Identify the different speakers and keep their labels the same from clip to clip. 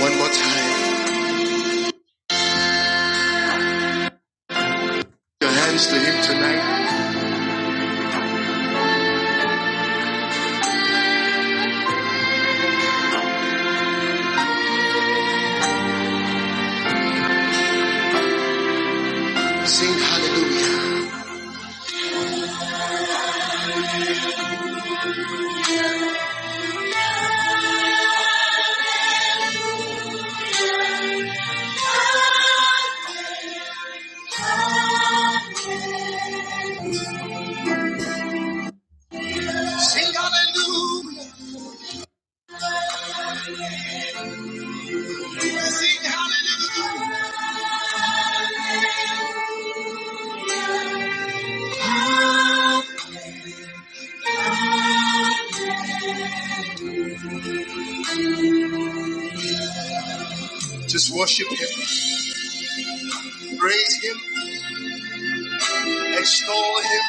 Speaker 1: One more time. Your hands to Him tonight. Sing hallelujah. Just worship Him, praise Him, extol Him,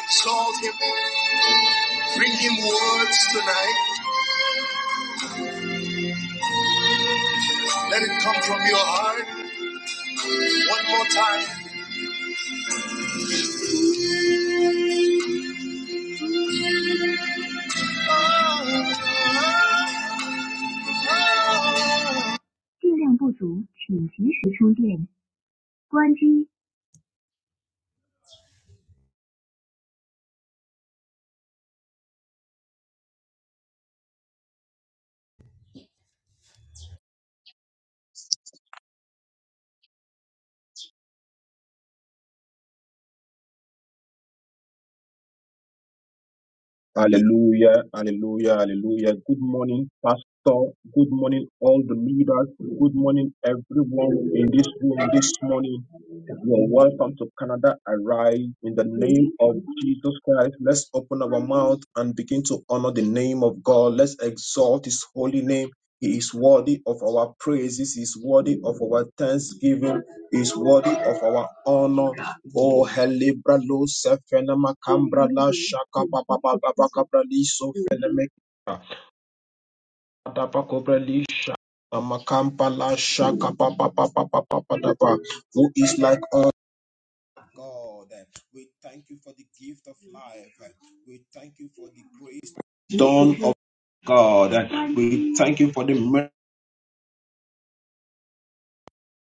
Speaker 1: exalt Him. Bring Him words tonight. Let it come from your heart. One more time. 质量不足，请及时充电。关机。Hallelujah, hallelujah, hallelujah. Good morning, Pastor. Good morning, all the leaders. Good morning, everyone in this room this morning. You're welcome to Canada Arise in the name of Jesus Christ. Let's open our mouth and begin to honor the name of God. Let's exalt His holy name. He is worthy of our praises, He is worthy of our thanksgiving, He is worthy of our honor. Oh, Helebra lo sefenema cambra la shaka baba baba baba li so feneme adapa cobra li shaka makampa la shaka baba baba baba baba who is like us. God, we thank you for the gift of life. We thank you for the grace done of God. We thank you for the mercy.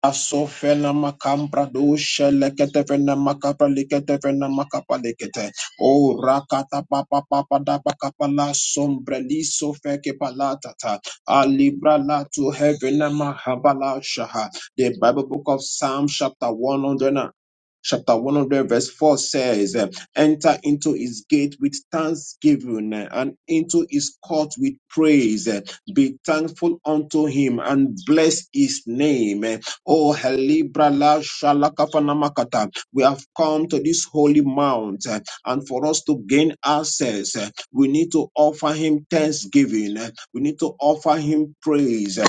Speaker 1: Asofena makambra dosha lekete vena makapa lekete vena makapa lekete. O rakata papa papa da pakapa la sombre li sofeke palata ta. Alibra la to heaven mahabala shaha. The Bible book of Psalm chapter 100 na- Chapter 100 verse 4 says, eh, Enter into his gate with thanksgiving eh, and into his court with praise. eh. Be thankful unto him and bless his name. eh. Oh, Helibra la shalakafanamakata. We have come to this holy mount, eh, and for us to gain access, eh, we need to offer him thanksgiving. eh, We need to offer him praise. eh,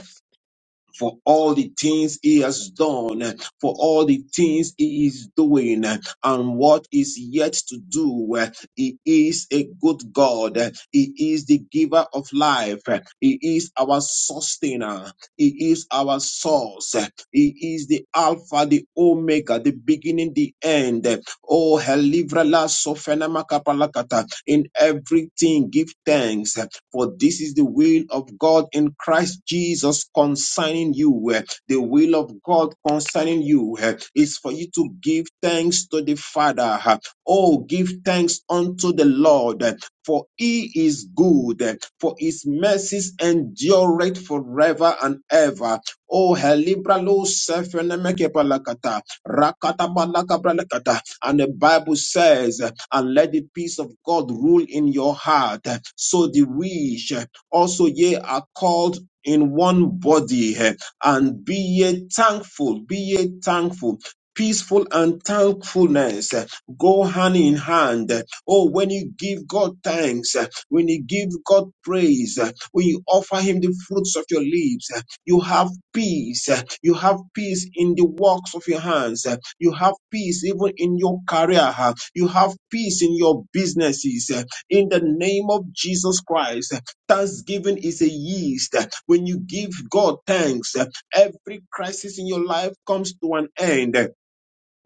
Speaker 1: for all the things he has done, for all the things he is doing, and what is yet to do. He is a good God. He is the giver of life. He is our sustainer. He is our source. He is the Alpha, the Omega, the beginning, the end. Oh, helivra la sofena makapalakata. In everything, give thanks, eh, for this is the will of God in Christ Jesus concerning you. eh. The will of God concerning you eh, is for you to give thanks to the Father. eh. Oh, give thanks unto the Lord, eh, for he is good, eh, for his mercies endureth forever and ever. Oh, helibra lo sefenemeke palakata, rakata balaka balakata. And the Bible says, and let the peace of God rule in your heart, so the which also ye are called in one body, and be ye thankful, be ye thankful. Peaceful and thankfulness eh, go hand in hand. eh. Oh, when you give God thanks, eh, when you give God praise, eh, when you offer Him the fruits of your lips, eh, you have peace. You have peace in the works of your hands. You have peace even in your career. You have peace in your businesses. In the name of Jesus Christ, thanksgiving is a yeast. When you give God thanks, every crisis in your life comes to an end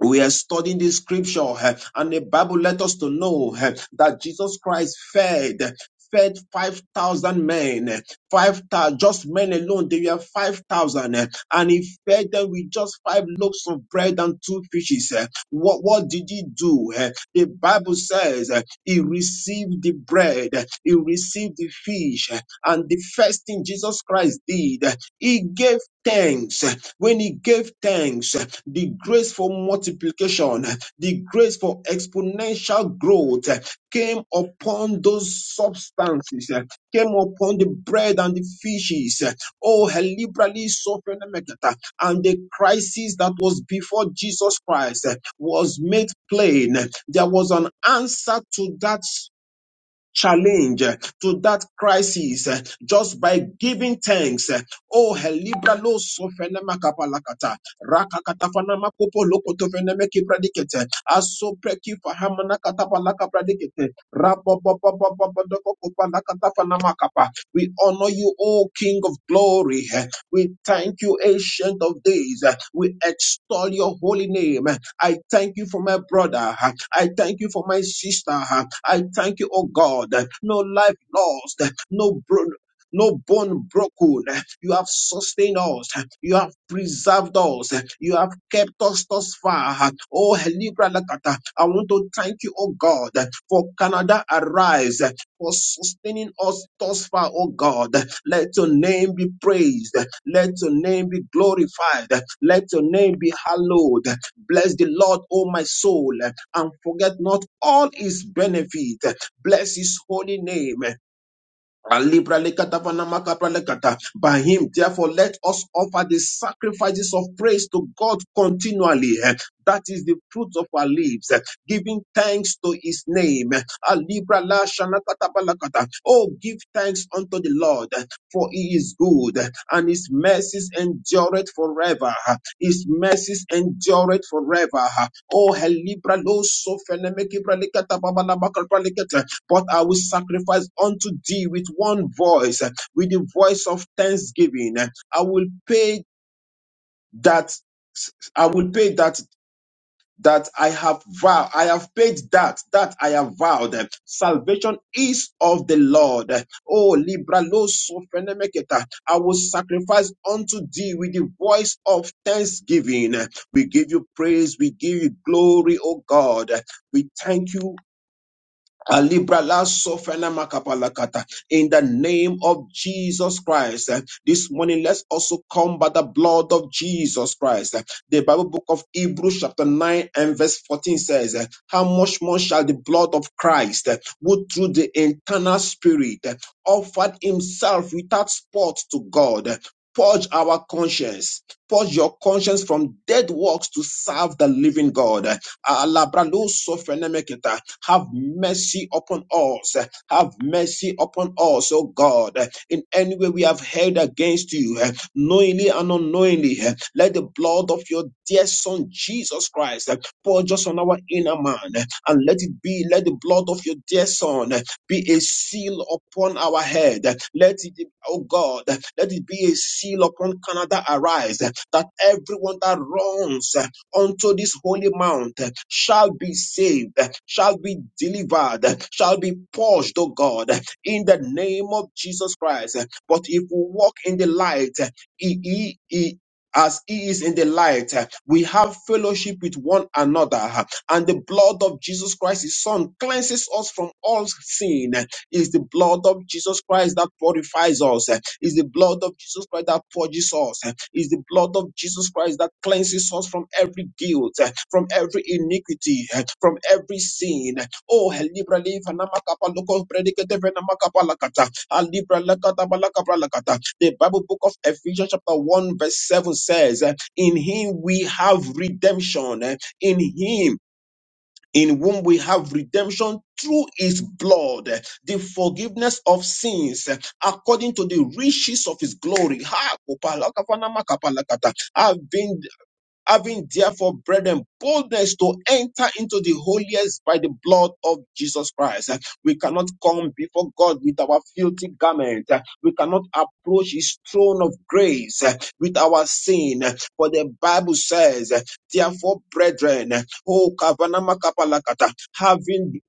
Speaker 1: we are studying the scripture eh, and the bible let us to know eh, that jesus christ fed fed 5000 men eh, five thou- just men alone they were 5000 eh, and he fed them with just five loaves of bread and two fishes eh. what what did he do eh? the bible says eh, he received the bread eh, he received the fish eh, and the first thing Jesus Christ did, he gave thanks. When he gave thanks, the grace for multiplication, the grace for exponential growth came upon those substances, came upon the bread and the fishes. Oh, liberally sophenomekata. and the crisis that was before Jesus Christ was made plain. There was an answer to that challenge eh, to that crisis eh, just by giving thanks. eh. Oh, helibra lo sofenema kapalakata. Rakakatafanama kopo loko tofeneme kipradikete. Aso preki fahamana katapalaka pradikete. Rapapapapapapodoko kopalakatafanama kapa. We honor you, O King of glory. eh. We thank you, Ancient of Days. We extol your holy name. I thank you for my brother. I thank you for my sister. I thank you, oh God. No life lost, no bro- no bone broken. You have sustained us. You have preserved us. You have kept us thus far. Oh, Helibra Lakata, I want to thank you, oh God, for Canada Arise, for sustaining us thus far, oh God. Let your name be praised. Let your name be glorified. Let your name be hallowed. Bless the Lord, oh my soul, and forget not all his benefit. Bless his holy name. Alibralekatapanamakabralekata. By him, therefore, let us offer the sacrifices of praise to God continually. eh. That is the fruit of our lips, eh, giving thanks to his name. Alibralashanakatabalakata. Oh, give thanks unto the Lord, eh, for he is good, eh, and his mercies endureth forever. eh. His mercies endureth forever. eh. Oh, Elibralosofenemekibralekatababalabakabralekata but I will sacrifice unto thee with one voice, eh, with the voice of thanksgiving. eh. I will pay that, I will pay that that I have vowed, I have paid that, that I have vowed. eh. Salvation is of the Lord. eh. Oh, Libra lo sofenemeketa. I will sacrifice unto thee with the voice of thanksgiving. We give you praise, we give you glory, O God. We thank you Alibra la sofrena makapalakata. In the name of Jesus Christ, eh, this morning let's also come by the blood of Jesus Christ. eh. The Bible book of Hebrews chapter 9 and verse 14 says, eh, How much more shall the blood of Christ, eh, who through the internal spirit eh, offered himself without spot to God, eh, Purge our conscience. Purge your conscience from dead works to serve the living God. Alabralosofenemeketa. Have mercy upon us. Have mercy upon us, O God. In any way we have held against you, knowingly and unknowingly eh, let the blood of your dear son Jesus Christ eh, pour just on our inner man eh, and let it be, let the blood of your dear son eh, be a seal upon our head. uh, Let it, be- oh God, uh, let it be a seal upon Canada arise eh, that everyone that runs eh, unto this holy mount eh, shall be saved, eh, shall be delivered, eh, shall be purged, oh God, eh, in the name of Jesus Christ. eh. But if we walk in the light, eh, he, he, as he is in the light, uh, we have fellowship with one another, uh, and the blood of Jesus Christ, his son, cleanses us from all sin. Is the blood of Jesus Christ that purifies us, is the blood of Jesus Christ that purges us, is the blood of Jesus Christ that cleanses us from every guilt, uh, from every iniquity, uh, from every sin. Oh, Libra Leaf namakapa Loko Predicate Venamakapa Lakata, alibra Lakata Balakapa the Bible book of Ephesians chapter 1 verse 7 says, eh, in him we have redemption. eh, In him in whom we have redemption through his blood, eh, the forgiveness of sins, eh, according to the riches of his glory. Ha, kopala, kafana, makapala, kata. I've been having therefore, brethren, boldness to enter into the holiest by the blood of Jesus Christ. Uh, We cannot come before God with our filthy garment. Uh, We cannot approach his throne of grace uh, with our sin. Uh, For the Bible says, uh, therefore, brethren, uh, oh, kavanama kapalakata, having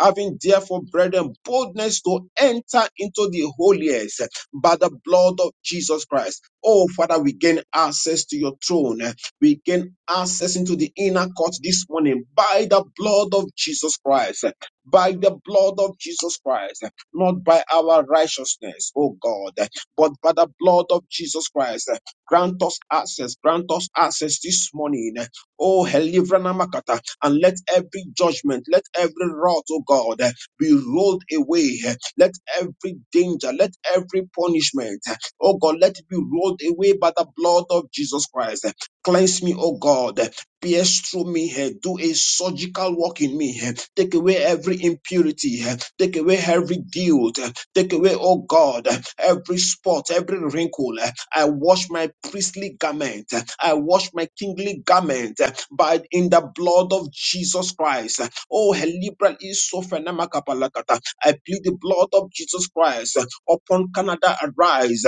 Speaker 1: having therefore, brethren, boldness to enter into the holiest uh, by the blood of Jesus Christ. Oh, Father, we gain access to your throne. We gain access into the inner court this morning by the blood of Jesus Christ. By the blood of Jesus Christ, not by our righteousness, oh God, but by the blood of Jesus Christ. Grant us access, grant us access this morning. Oh, Helivra Makata, and let every judgment, let every wrath, oh God, be rolled away. Let every danger, let every punishment, oh God, let it be rolled away by the blood of Jesus Christ. Cleanse me, O God. Pierce through me. eh, Do a surgical work in me. eh. Take away every impurity. eh. Take away every guilt. eh. Take away, O God, eh, every spot, every wrinkle. eh. I wash my priestly garment. eh. I wash my kingly garment eh, by in the blood of Jesus Christ. eh. Oh, Helibra is so I plead the blood of Jesus Christ eh, upon Canada. Arise. eh.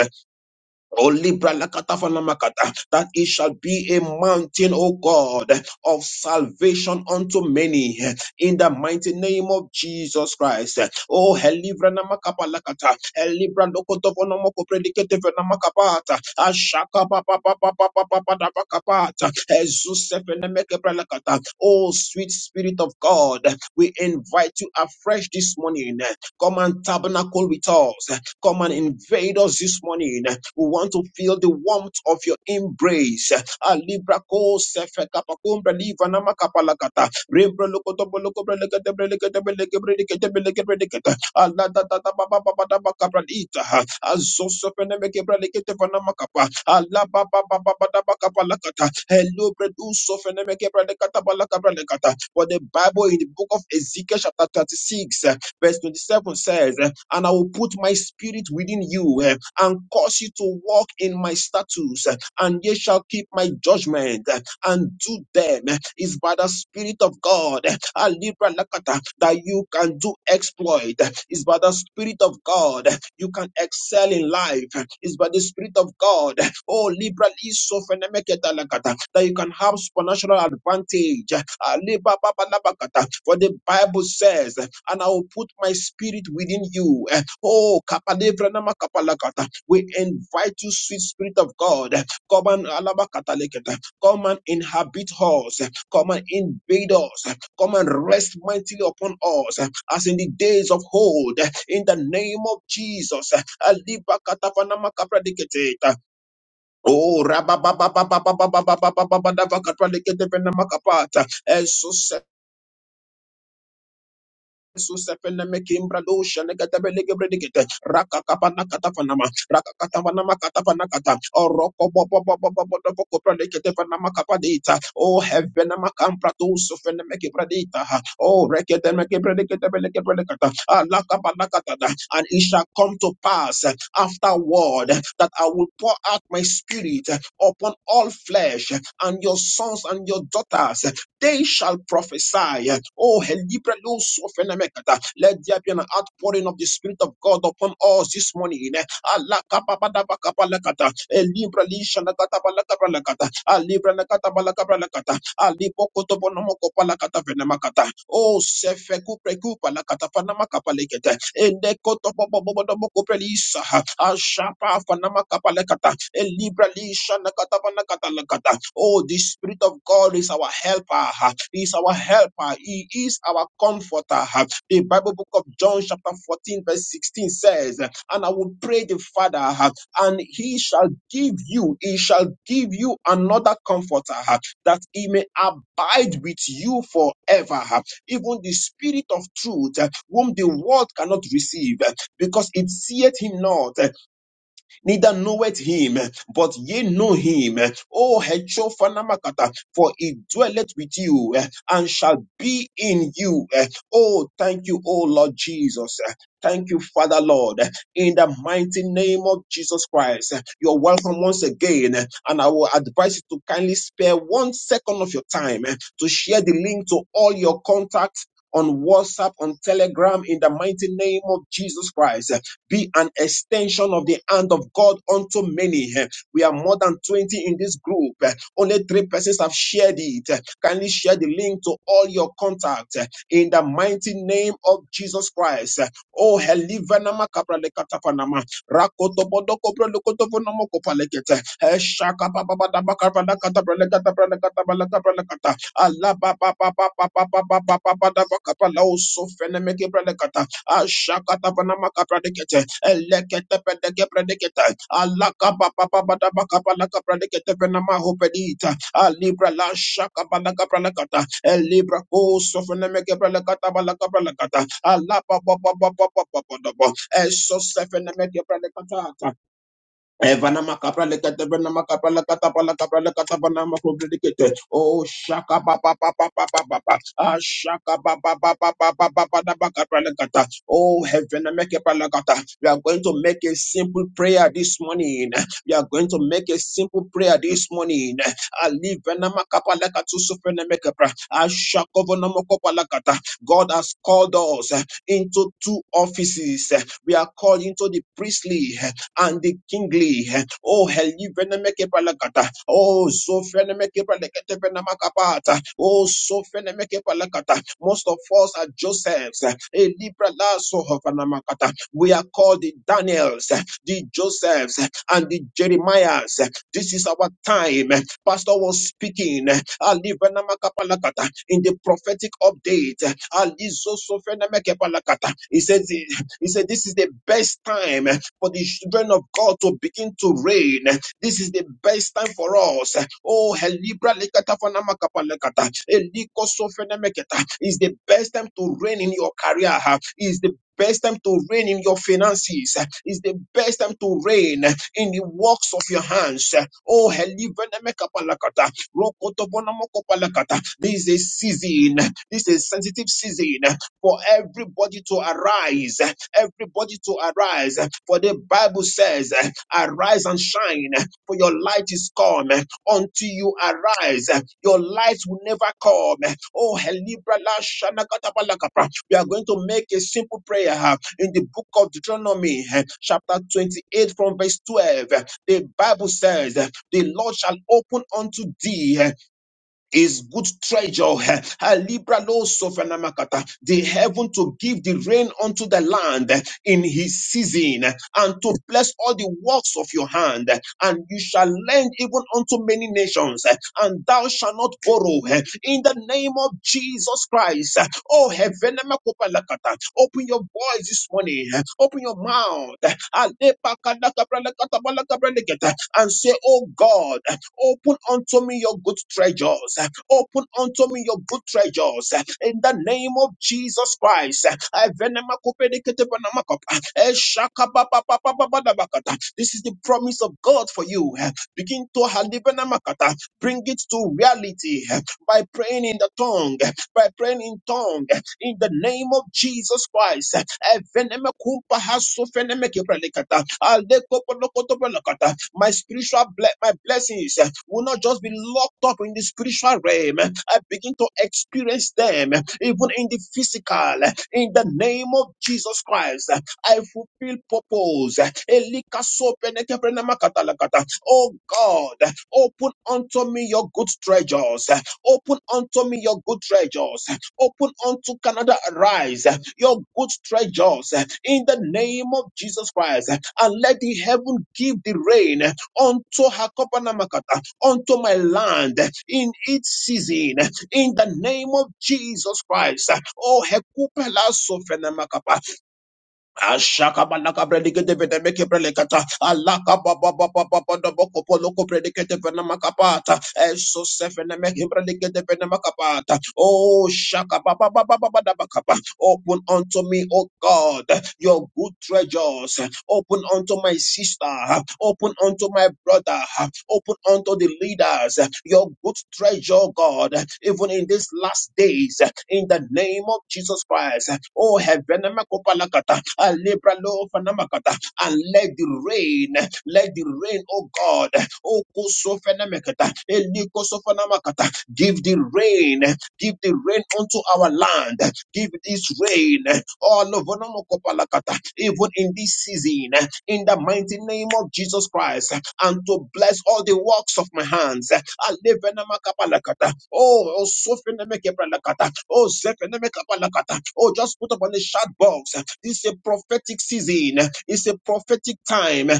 Speaker 1: O Libra Lakatafanamakata, That it shall be a mountain, O God, of salvation unto many in the mighty name of Jesus Christ. Oh, helivra namakapa lakata, helivra lokotovo namoko predicateve namakapata, ashaka papa papa papa papa napakapata, ezusefe nemekebra lakata. Oh, sweet spirit of God, we invite you afresh this morning. Come and tabernacle with us. Come and invade us this morning. We want to feel the warmth warmth of your embrace. alibra Libra ko sefe kapakumbra liva nama kapalakata. Rembra loko dobo loko breleke de breleke de breleke breleke de breleke breleke de. Ah, da da da ba ba ba ba da ba kabra lita. Ah, zo meke breleke de vanama kapa. Ah, ba ba ba ba ba da ba kapalakata. Hello, bredu sefe ne meke brelekata balaka brelekata. For the Bible in the book of Ezekiel chapter 36 Verse 27 says, eh, And I will put my spirit within you eh, and cause you to walk in my statutes, eh, and ye shall keep my judgment eh, and do them. eh, It's by the Spirit of God eh, ah, Libra Lakata, that you can do exploit. eh, It's by the Spirit of God eh, you can excel in life. It's by the Spirit of God. Oh, Libra Liso Fenemeketa Lakata, that you can have supernatural advantage. Ah, Liba Baba Labakata, For the Bible says, and I will put my spirit within you. Eh, Oh, Kapalevra Nama Kapalakata. We invite you, sweet Spirit of God. Come and Alabakataleketa. Come and inhabit us. Come and invade us. Susepene mekimbra dosha negatebele gebredigete raka kapana katafanama raka katafanama katafana kata fanama kata oroko bobo bobo bobo dobo kopradikete fanama kapadita o heaven makampra dosu fene mekibradita o rekete mekibradikete bele gebredikata ala kapana katada and it shall come to pass afterward that I will pour out my spirit upon all flesh and your sons and your daughters they shall prophesy. Oh, Helibra Lus of Enemekata. Let there be an outpouring of the Spirit of God upon us this morning. Alakababadabakabalakata. Elibra Lishanakatabalakabalakata. Alibra Nakatabalakabalakata. Alibokotobonomokopalakata venemakata kata o sefeku preku la kata panama kapale kete ende koto bobo bobo dobo koprelisa ashapa panama kapale kata e libra na kata pana kata la kata oh the spirit of God is our helper he is our helper he is our comforter the Bible book of John chapter 14 verse 16 says and I will pray the Father and he shall give you he shall give you another comforter that he may abide with you forever. Even the spirit of truth, uh, whom the world cannot receive, uh, because it seeth him not, uh, neither knoweth him, but ye know him. O Hecho Fanamakata, for he dwelleth with you eh, and shall be in you. eh. Oh, thank you, O Lord Jesus. eh. Thank you, Father Lord, eh, in the mighty name of Jesus Christ. eh. You're welcome once again, eh, and I will advise you to kindly spare one second of your time eh, to share the link to all your contacts on WhatsApp, on Telegram, in the mighty name of Jesus Christ. Be an extension of the hand of God unto many. Eh, We are more than 20 in this group. Eh, Only three persons have shared it. Eh, Kindly share the link to all your contacts eh, in the mighty name of Jesus Christ. Eh, Oh, Helivanama Kapralekatapanama rakoto bodoko prolokoto vonomoko palekete eshaka papa baba baka palakata prolekata prolekata palakata prolekata papa papa papa papa baba baba baba baka palauso fenemeke prolekata ashaka tabana maka prolekete elekete pedeke prolekete alla papa baba baba baka palaka prolekete venama hopedita alibra la shaka balaka prolekata elibra koso fenemeke prolekata balaka prolekata alla papa papa papa papa. Esosefenemekeprelekata. Evanama kapra lekete benama kapra lekata pala kapra lekata banama kubri dikete. Oh shaka pa pa pa pa pa pa pa pa. Ah shaka pa pa pa pa pa pa pa pa da ba kapra lekata. Oh heaven make a palakata. We are going to make a simple prayer this morning. We are going to make a simple prayer this morning. Ali venama kapra lekatu sufene make pra. Ah shaka venama kapra lekata. God has called us into two offices. We are called into the priestly and the kingly. Oh, helivene meke palakata. Oh, so fenemekepalakatevenamakapata. Oh, so fene meke palakata. Most of us are Josephs. Eh, libralasohofanamakata. We are called the Daniels, the Josephs, and the Jeremiahs. This is our time. Pastor was speaking alivenamakapalakata, in the prophetic update. Alizo so fene meke palakata. He says, He he said, This is the best time for the children of God to begin to reign. This is the best time for us. Oh, Helibra Lekata Fanama Kapa Lekata. Eliko Sofene Meketa. It's the best time to reign in your career. It's the best time to reign in your finances. It's the best time to reign in the works of your hands. Oh, Helibra Mekapa Lekata. Rokoto Bonamoko Palakata. This is a season. This is a sensitive season for everybody to arise, everybody to arise. For the Bible says, Arise and shine, for your light is come. Until you arise, your light will never come. Oh, Helibra la shana kata we are going to make a simple prayer uh, in the book of Deuteronomy, uh, chapter 28, from verse 12. The Bible says, The Lord shall open unto thee uh, is good treasure. eh, Alibra lo sofanamakata, The heaven to give the rain unto the land eh, in his season eh, and to bless all the works of your hand. eh, And you shall lend even unto many nations eh, and thou shalt not borrow. eh, In the name of Jesus Christ. eh. Oh, heaven, open your voice this morning pray. Open your mouth and say, Oh God, open unto me your good treasures. Open unto me your good treasures. In the name of Jesus Christ. This is the promise of God for you. Ah, Begin to halibenamakata. Bring it to reality by praying in the tongue, by praying in tongue, in the name of Jesus Christ. Eveneme kumpa haso feneme kebrelekata. Aleko polokoto bolokata. My spiritual ble- my blessings will not just be locked up in the spiritual realm. I begin to experience them even in the physical, in the name of Jesus Christ. I fulfill purpose. Elika sopeneke brenamakata lakata. Oh God, open unto me your good treasures. Open unto me your good treasures. Open unto Canada, arise your good treasures in the name of Jesus Christ, and let the heaven give the rain unto Hakopanamakata, unto my land in its season, in the name of Jesus Christ. Oh, Hekupela Sofenamakapa. Ashakabalaka predicate vedemeke prelecata. Alaka baba baba baba da boko poloko predicate venamakapata. Eso sefenemeke predicate venamakapata. Oh shaka baba baba baba da bakapa. Open unto me, O God, your good treasures. Open unto my sister. Open unto my brother. Open unto unto the leaders your good treasure, God, even in these last days, in the name of Jesus Christ. Oh, heaven, Makopalakata, Alebralo, Fanamakata, and let the rain, let the rain, oh God, oh Kosofenemekata, Elikosofanamakata, give the rain, give the rain unto our land, Give this rain all over Nanokopalakata, even in this season in the mighty name of Jesus Christ and to bless all the works of my hands. Alevenamakapalakata. Oh, oh, sofenemekepalakata. oh, zefenemekapalakata. oh, just put up on the chat box. This is a prophetic season. It's a prophetic time.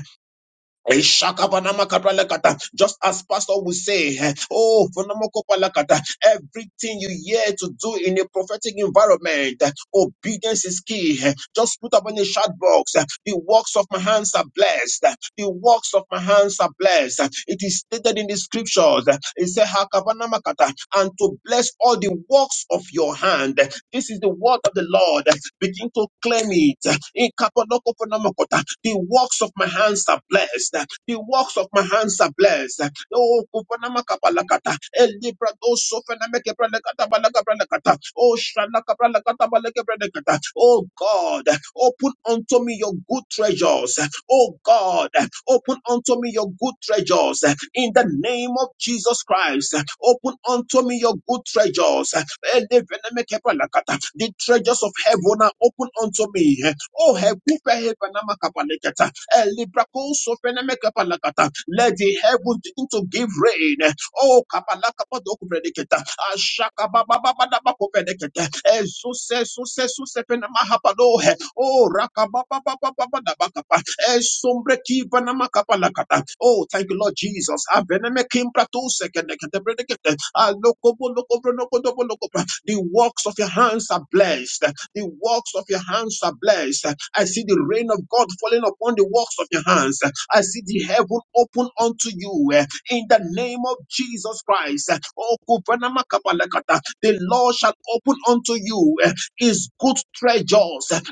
Speaker 1: Ishakabanamakabalakata. Just as Pastor will say, eh, oh, Fonomokopalakata, everything you hear to do in a prophetic environment, eh, obedience is key. eh. Just put up on the chat box, eh, the works of my hands are blessed. eh, The works of my hands are blessed. eh. It is stated in the scriptures. eh, It said, Hakabanamakata, and to bless all the works works of your hand. This is the word of the Lord. Begin to claim it. In Kapolokoponomokota, The works of my hands are blessed. The works of my hands are blessed. Oh, Koponamakapalakata, Elibrado Sofenamekepralekatabalakabralakata, Oh, Shanakabralakatabalakabralakata. Oh, God, open unto me your good treasures. Oh, God, open unto me your good treasures. In the name of Jesus Christ, open unto me your good treasures. Elevenemekepalakata. The treasures of heaven are open unto me. Oh, hekupe hevenamakapaleketa. Elibrakosovenemekepalakata. let the heavens begin to give rain. Oh, kapalakapadokuprediketa. Ashakababababadabakuprediketa. Ezusesusesufenamahapalo. Oh, rakabababababababakapa. Esombreki-vanamakapalakata. Oh, thank you, Lord Jesus. Avenemekimbratuse-kenekedebredekete. Alokobolokobronokodobolokopa. The works of your hands are blessed. The works of your hands are blessed. I see the rain of God falling upon the works of your hands. I see the heaven open unto you in the name of Jesus Christ. Oh, Kupanama Kapalakata, the Lord shall open unto you eh, his good treasures.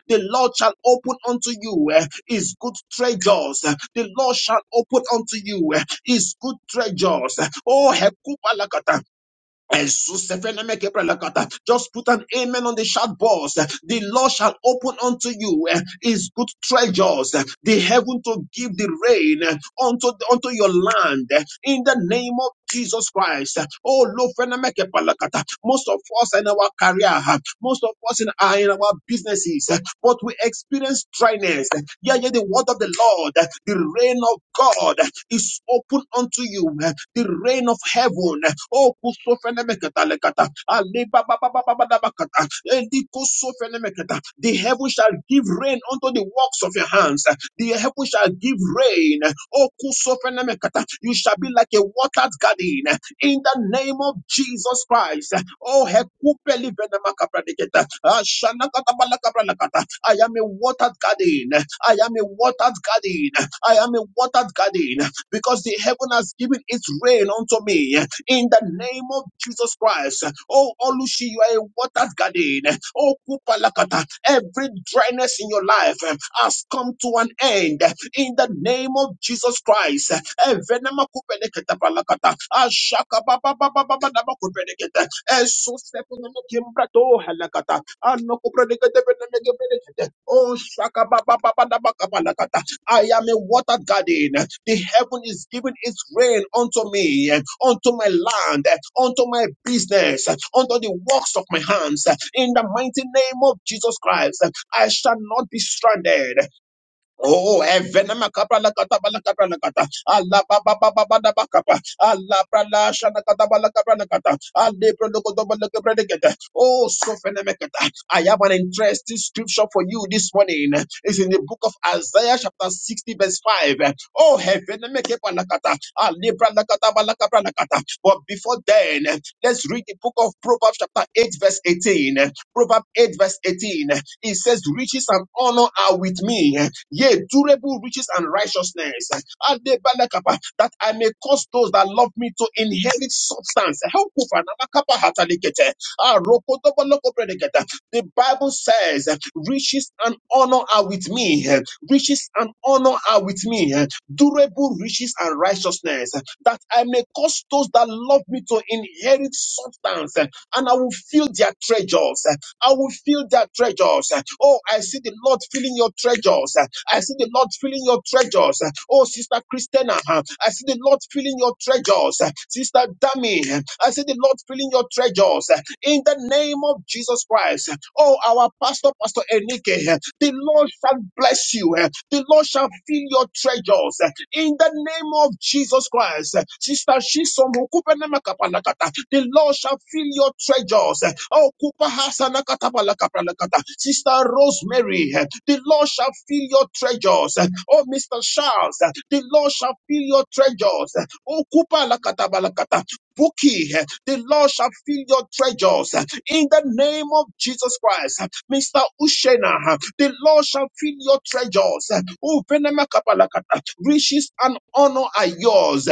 Speaker 1: The Lord shall open unto you eh, his good treasures. The Lord shall open unto you eh, his good treasures. Oh, Hekubalakata, and so seven emeke prelekata. Just put an amen on the chat box. The Lord shall open unto you eh, his good treasures, eh, the heaven to give the rain eh, unto, unto your land. eh, In the name of Jesus Christ. Oh, Lord, friend, I lo fenemeke prelekata. most of us in our career, eh, most of us in our are in our businesses, but we experience dryness. Yeah, yeah, the word of the Lord, the rain of God is open unto you, the rain of heaven. Oh, the heaven shall give rain unto the works of your hands. The heaven shall give rain. Oh, You shall be like a watered garden in the name of Jesus Christ. Oh, hekupeli venemakapraniketa. Ashanakatabalakabralakata. I am a watered garden. I am a watered garden. I am a watered garden because the heaven has given its rain unto me in the name of Jesus Christ. Oh, Olushi, you are a watered garden. Oh, Kupalakata, every dryness in your life has come to an end in the name of Jesus Christ. Evenema Kupeleketa Palakata, Ashaka Baba Baba Baba Daba Kupeleketa, Esu Sepuneme Kimbrato Halakata, Ano Kupeleketa Beneme Kupeleketa, Oh, Shaka Baba Baba Daba Kapalakata, I am a watered garden. The heaven is giving its rain unto me, unto my land, unto my business, unto the works of my hands. In the mighty name of Jesus Christ, I shall not be stranded. Oh, evenema kapra la kata bala kapra la kata. Allah ba ba ba ba ba da ba kapa. Allah pra la shana kata bala kapra la kata. Allah pra lo kodo bala kapra la kata. Oh, so feneme kata. I have an interesting scripture for you this morning. It's in the book of Isaiah chapter 60 verse 5. Oh, eveneme kepa la kata. Allah pra la kata bala kapra la kata. But before then, let's read the book of Proverbs chapter 8 verse 18. Proverbs 8 verse 18. It says, riches and honor are with me Yea, durable riches and righteousness. Adebalakapa, That I may cause those that love me to inherit substance. Helkufa, nabakapa hatalikete. Ah, rokotobolokopredekete. The Bible says, riches and honor are with me. Riches and honor are with me. Durable riches and righteousness. That I may cause those that love me to inherit substance. And I will fill their treasures. I will fill that treasures. Oh, I see the Lord filling your treasures. I see the Lord filling your treasures. Oh, Sister Christina, I see the Lord filling your treasures. Sister Dami, I see the Lord filling your treasures. In the name of Jesus Christ. Oh, our pastor, Pastor Enike, the Lord shall bless you. The Lord shall shall fill your treasures in the name of Jesus Christ. Sister Shisom, Okupenemakapalakata, the Lord shall fill your treasures. Oh, Kupahasanakatapalakapalakata. Sister Rosemary, the Lord shall fill your treasures. Oh, Mr. Charles, the Lord shall fill your treasures. Oh, bookie. The Lord shall fill your treasures in the name of Jesus Christ. Mr. Ushena, the Lord shall fill your treasures. Oh, Venema Kapalakata, riches and honor are yours.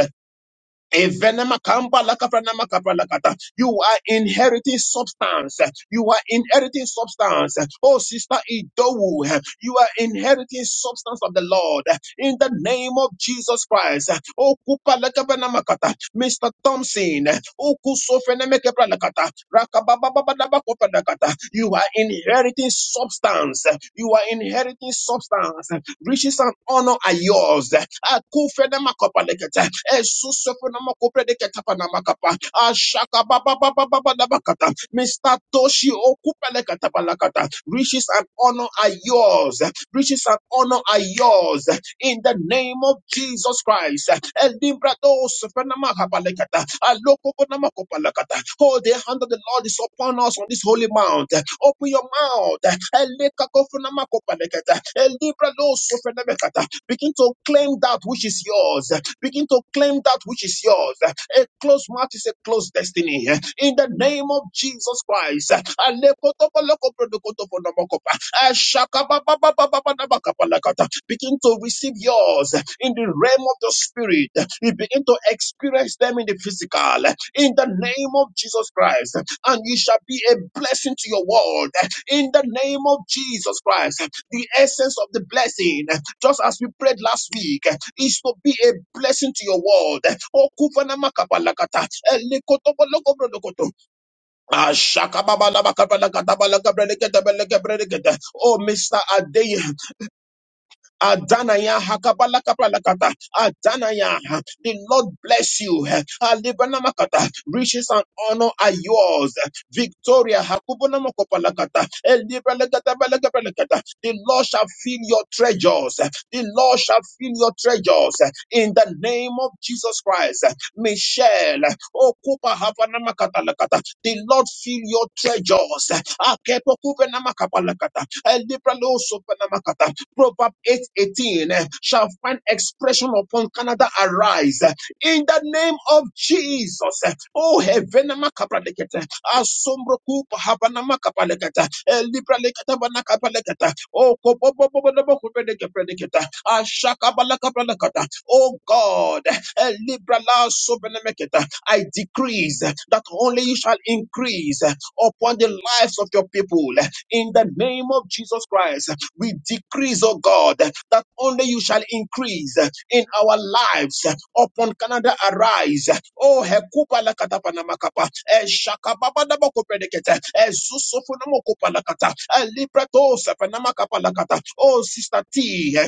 Speaker 1: Evenema kamba lakafranama kapralakata. You are inheriting substance. You are inheriting substance. Oh, Sister Idowu, you are inheriting substance of the Lord in the name of Jesus Christ. Oh, kupa lakafranama kata. Mr. Thompson, oh, kusofeneme kepralakata. Rakabababababakopalakata. you are inheriting substance. You are inheriting substance riches and honor are yours. Akufenamakopalekete, esusofenamakopreleketapanakapa, ashakababababababakata, Mr. Toshi Okupeleketapalakata, riches and honor are yours. Riches and honor are yours in the name of Jesus Christ. Elibrados penamakabalekata, alokokonamakopalakata. Oh, the hand of the Lord is upon us on this holy mount. Open your mouth. Elekakofunamakopalekata, elibradosofenemekata. Begin to claim that which is yours. Begin to claim that which is yours. A closed mouth is a closed destiny. In the name of Jesus Christ. Alekotokolokoprodokotopolomokopa. Eh, Begin to receive yours in the realm of the spirit. You begin to experience them in the physical. In the name of Jesus Christ, and you shall be a blessing to your world. In the name of Jesus Christ, the essence of the blessing, just as we prayed last week, is to be a blessing to your world. Oh, kufanama kapalakata, eh, Ah, shakababalabakabalakadabalakabrelekedabalakabrelekeda. Oh, Mr. Adey, Adanaya hakabalakabalakata. Adanaya. The Lord bless you. Alibanamakata. Riches and honor are yours. Victoria hakubunamakopalakata. Elibalakatabalakabalakata. The Lord shall fill your treasures. The Lord shall fill your treasures. In the name of Jesus Christ. Michelle. Okupa havanamakatalakata. The Lord fill your treasures. Akepokubenamakapalakata. Elibralosopenamakata. Proverb 8:18 eh, shall find expression upon Canada arise eh, in the name of Jesus. eh. Oh heavenama kapalekete, asombro kupa habanama kapalekete, libra lekete bana kapalekete. Oh kobobo bobo bobo kupeleke pelekete, ashaka balaka pelekete. Oh God, eh, libra la sobenemekete. I decrease eh, that only you shall increase eh, upon the lives of your people eh, in the name of Jesus Christ. We decrease, oh God, that only you shall increase uh, in our lives. uh, Upon Canada, arise. Oh, hekupa la katapa na makapa. Eh, shakababa na makopedekete. Eh, zusufu na mokopa la kata. E libreto sepe na makapa la kata. Oh, Sister T. eh,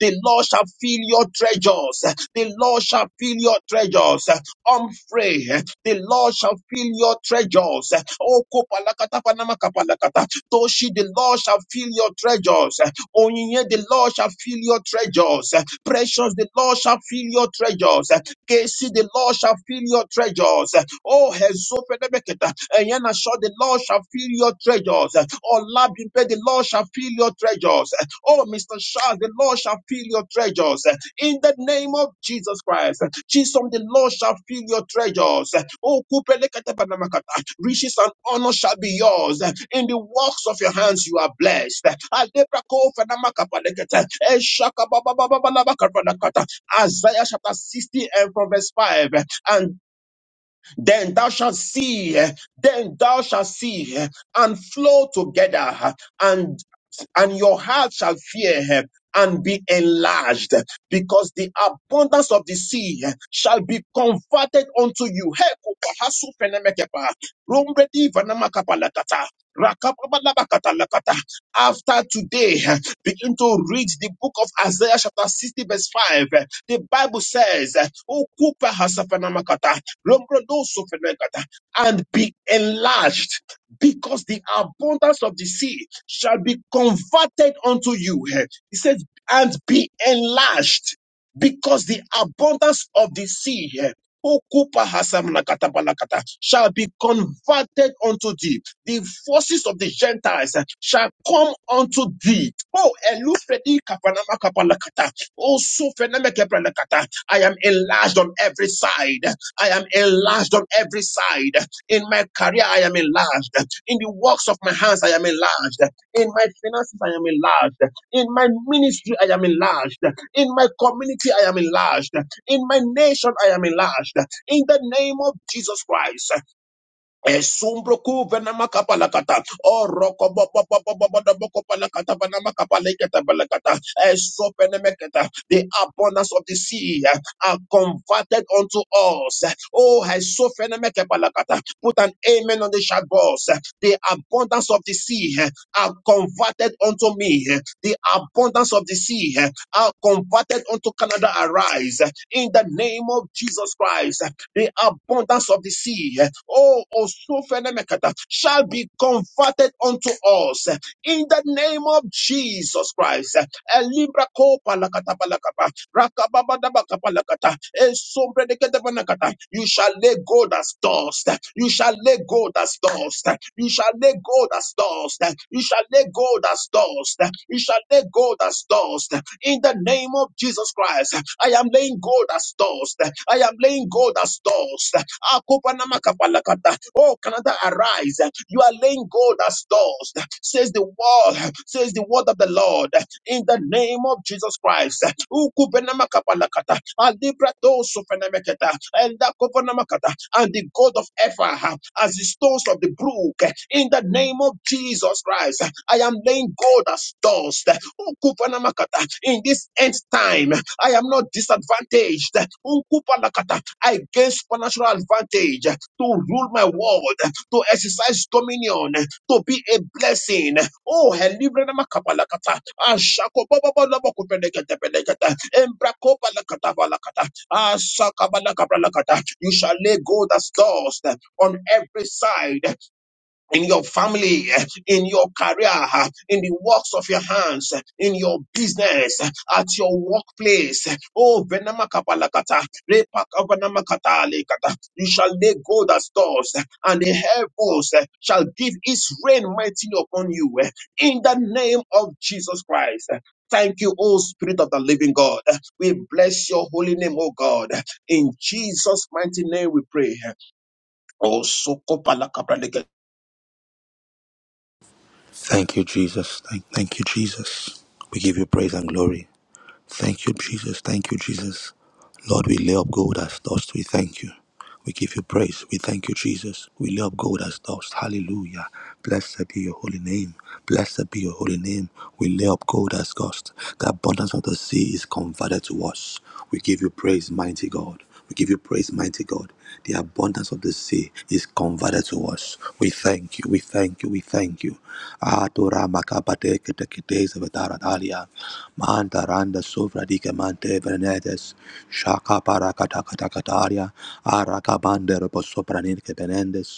Speaker 1: the Lord shall fill your treasures. The Lord shall fill your treasures. Humphrey, the Lord shall fill your treasures. Okopalakatapanamakabalakata. Toshi, the Lord shall fill your treasures. Onyinye, the Lord shall fill your treasures. Precious, the Lord shall fill your treasures. Casey, the Lord shall fill your treasures. Oh, Hezophenebeketa, Eyana Shaw, the Lord shall fill your treasures. Oh, Labimpe, the Lord shall fill your treasures. Oh, Mr. Charles, the Lord shall fill your treasures. In the name of Jesus Christ, Jesus, the Lord shall fill your treasures. Oh, Kupelekete Banamakata, riches and honor shall be yours. In the works of your hands you are blessed. Alebrako Fanamakapalekete, Eshakababababalabakapanakata, Isaiah chapter 60 and from verse 5. And then thou shalt see, then thou shalt see, and flow together, and and your heart shall fear and be enlarged because the abundance of the sea eh, shall be converted unto you. Hey, Kopahasu Fenemekepa, Rumbredi Vanamakapa Lakata, After today, eh, begin to read the book of Isaiah chapter 60 verse 5. eh, The Bible says, "O Kupa Hasafenamakata, Rumbrodo Sufenekata," and be enlarged because the abundance of the sea shall be converted unto you. He says, and be enlarged because the abundance of the sea eh, Okupa hasamanakata balakata, shall be converted unto thee. The forces of the Gentiles eh, shall come unto thee. Oh, Elufredi kapanama kapalakata. Oh, Sufeneme kepalakata. I am enlarged on every side. I am enlarged on every side. In my career, I am enlarged. In the works of my hands, I am enlarged. In my finances, I am enlarged. In my ministry, I am enlarged. In my community, I am enlarged. In my nation, I am enlarged. In the name of Jesus Christ. Esumbroku venamakapalakata. Orokobobobobobobobobokopalakatabanamakapaleketabalakata. Esopenemeketa. The abundance of the sea are converted unto us. Oh, Put an amen on the chat box. The abundance of the sea eh, are converted unto me. eh. The abundance of the sea eh, are converted unto Canada. Arise eh, in the name of Jesus Christ. eh. The abundance of the sea, eh, oh, Osofenemekata, shall be converted unto us. eh in the name of Jesus Christ. Elibra kopa lakata palakapa, rakababadabakapalakata, esombredekedebanakata. You shall lay gold as dust. You shall lay gold as dust. You shall lay gold as dust. You shall lay gold as dust. You shall lay gold as dust. In the name of Jesus Christ, I am laying gold as dust. I am laying gold as dust. Ghost. Oh, Canada, arise. You are laying gold as dust, says the word, says the word of the Lord, in the name of Jesus Christ. Ukubenamakapalakata. Alibratosofenemeketa. Endakoponamakata. And the gold of Ephah as the stones of the brook, in the name of Jesus Christ. I am laying gold as dust. Lakata. In this end time, I am not disadvantaged. Unkupa Lakata. I gain supernatural advantage to rule my world, to exercise dominion, to be a blessing. Oh, helibre na makapa Lakata. Ashako baba baba baba kupelekete pelekete. Embrakopa Lakata balakata. Asaka balakabra Lakata. You shall lay gold as dust on every side in your family, in your career, in the works of your hands, in your business, at your workplace. Oh, Venamakapalakata, Repakavanamakata lekata. you shall lay gold as doors, and the heavens shall give its rain mightily upon you. In the name of Jesus Christ. Thank you, O Spirit of the Living God. We bless your holy name, O God. In Jesus' mighty name we pray. Oh,
Speaker 2: Thank you, Jesus. Thank, thank you, Jesus. We give you praise and glory. Thank you, Jesus. Thank you, Jesus. Lord, we lay up gold as dust. We thank you. We give you praise. We thank you, Jesus. We lay up gold as dust. Hallelujah. Blessed be your holy name. Blessed be your holy name. We lay up gold as dust. The abundance of the sea is converted to us. We give you praise, mighty God. We give you praise, mighty God. The abundance of the sea is converted to us us. We thank you, we thank you, we thank you. Atura makabadeke tekides vetaradalia. Mantaranda sovradike mante venedes. Shaka parakatakatakataria. Arakabande reposopranirke benendes.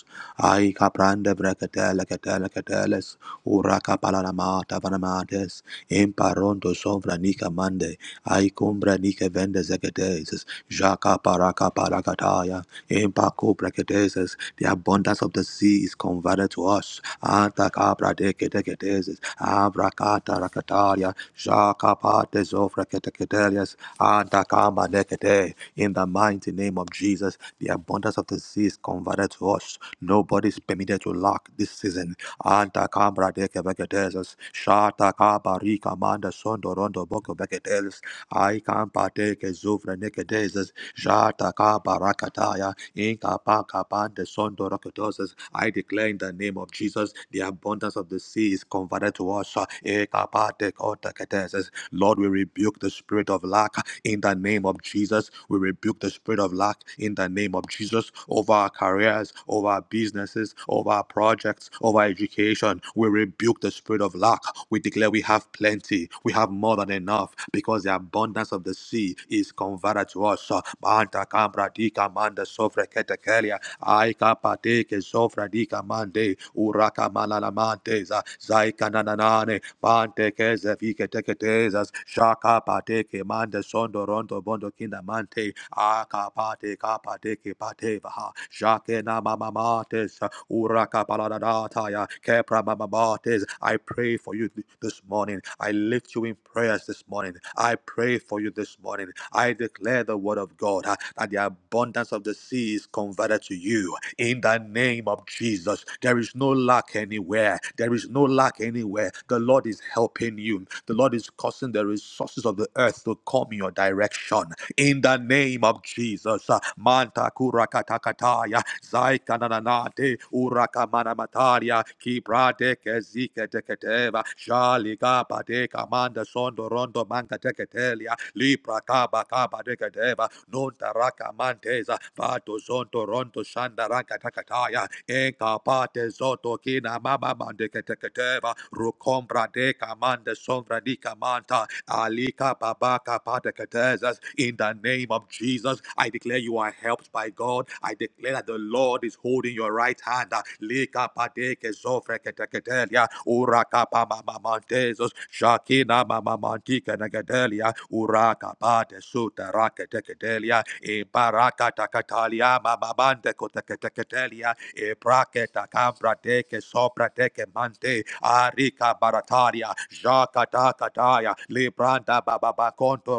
Speaker 2: Ai caprande brekatele ketele keteles. Uraka palanamata vanamates. Imparonto sovranika mande. Ai cumbra nike vendes eketeses. Jaka paraka parakataya. In Paco Bracateses, the abundance of the sea is converted to us. Antakabradekedekedeses, Abrakata Rakataria, Shakapates of Rakatakatelias, Antakamadekete. In the mighty name of Jesus, the abundance of the sea is converted to us. Nobody is permitted to lack this season. Antakabradekedekedeses, Shatakabarika Sondorondo Boko Beketes, I can partake of Nekedeses, Jataka Barakataya, in Kapa Kapa, the Inkapakapande sondorokotosas. I declare in the name of Jesus, the abundance of the sea is converted to us. Ekapatekoteketeses. Lord, we rebuke the spirit of lack in the name of Jesus. We rebuke the spirit of lack in the name of Jesus over our careers, over our businesses, over our projects, over our education. We rebuke the spirit of lack. We declare we have plenty, we have more than enough because the abundance of the sea is converted to us. Banta kambra di kamanda sofre ketekelia. Aika pate ke sofra di kamande. Uraka malalamanteza. Zaika nananane. Pante ke zevike teketezas. Shaka pate ke mande so sondo rondo bondo kinda mante akapate kapate kipate baha jakena mama mates uraka paladata ya kepra mama mates I pray for you th- this morning I lift you in prayers this morning I pray for you this morning I declare the word of God uh, that the abundance of the sea is converted to you in the name of Jesus. There is no lack anywhere. There is no lack anywhere. The Lord is helping you. The Lord is causing the resources of the earth to come your in your direction. In the name of Jesus. Manta kurakatakataya. Zaikananate urakamanamataria. Kibrade kezike teketeva. Shali kapa de kamanda sondo rondo manka teketelia. Lipra kaba kaba deketeva. Nunta rakamanteza. Vato zonto rondo shanda rakatakataya. Eka pate zoto kina mama mandeketeketeva. Rukombra de kamanda sombra di kamanta. Alika babaka pate in the name of Jesus, I declare you are helped by God. I declare that the Lord is holding your right hand. Arika barataria. Jakata kataya. Libranda bababa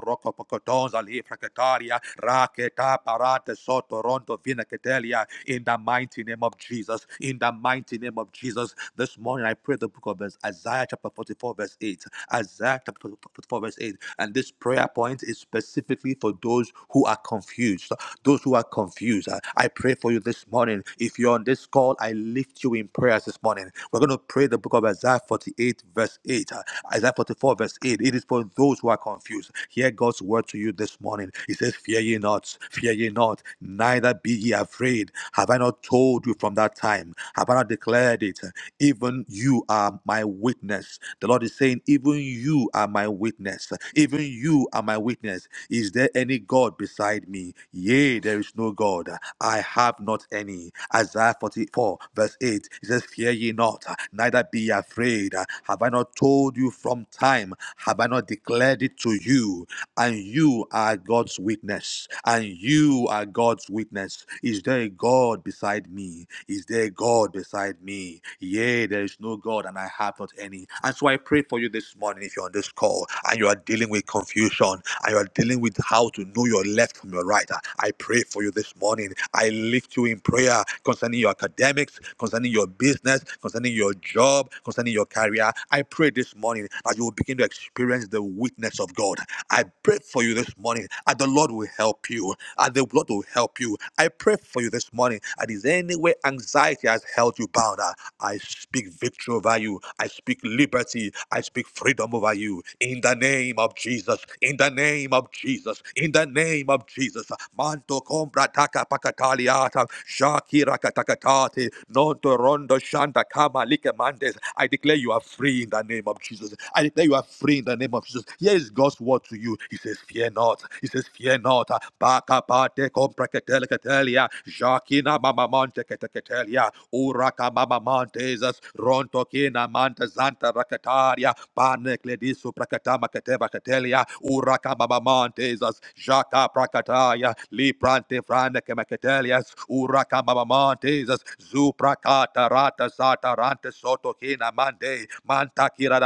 Speaker 2: roko pokotonza lifra kataria raketa parate soto rondo vina ketelia in the mighty name of Jesus in the mighty name of Jesus this morning I pray the book of verse Isaiah chapter 44 verse 8 Isaiah chapter 44 verse 8 and this prayer point is specifically for those who are confused those who are confused I pray for you this morning if you're on this call I lift you in prayers this morning we're going to pray the book of Isaiah 48 verse 8 Isaiah 44 verse 8 it is for those who are confused here. Hear God's word to you this morning. He says, Fear ye not, fear ye not, neither be ye afraid. Have I not told you from that time? Have I not declared it? Even you are my witness. The Lord is saying, Even you are my witness. Even you are my witness. Is there any God beside me? Yea, there is no God. I have not any. Isaiah 44, verse 8. He says, Fear ye not, neither be ye afraid. Have I not told you from time? Have I not declared it to you? and you are God's witness. And you are God's witness. Is there a God beside me? Is there a God beside me? Yea, there is no God, and I have not any. And so I pray for you this morning if you're on this call and you are dealing with confusion and you are dealing with how to know your left from your right. I pray for you this morning. I lift you in prayer concerning your academics, concerning your business, concerning your job, concerning your career. I pray this morning that you will begin to experience the witness of God God. I pray for you this morning. And the Lord will help you. And the Lord will help you. I pray for you this morning. And is there any way anxiety has held you bound? uh, I speak victory over you. I speak liberty. I speak freedom over you. In the name of Jesus. In the name of Jesus. In the name of Jesus. Manto compra taka pakataliata. Shakira katakatati. Nonto rondo shanda kama like mandes. I declare you are free in the name of Jesus. I declare you are free in the name of of Jesus. Here is God's word to you. He says, Fear not. He says, Fear not. Baka pate compreketeliketelia. Jakina mama monte keteketelia. Uraka mama montezas. Ronto kina mante zanta raketaria. Panekledisu prakatama keteba ketelia. Uraka mama montezas. Jaka prakataya. Liprante frane kemaketelias. Uraka mama montezas. Zuprakata rata satarante soto kina mante. Manta kira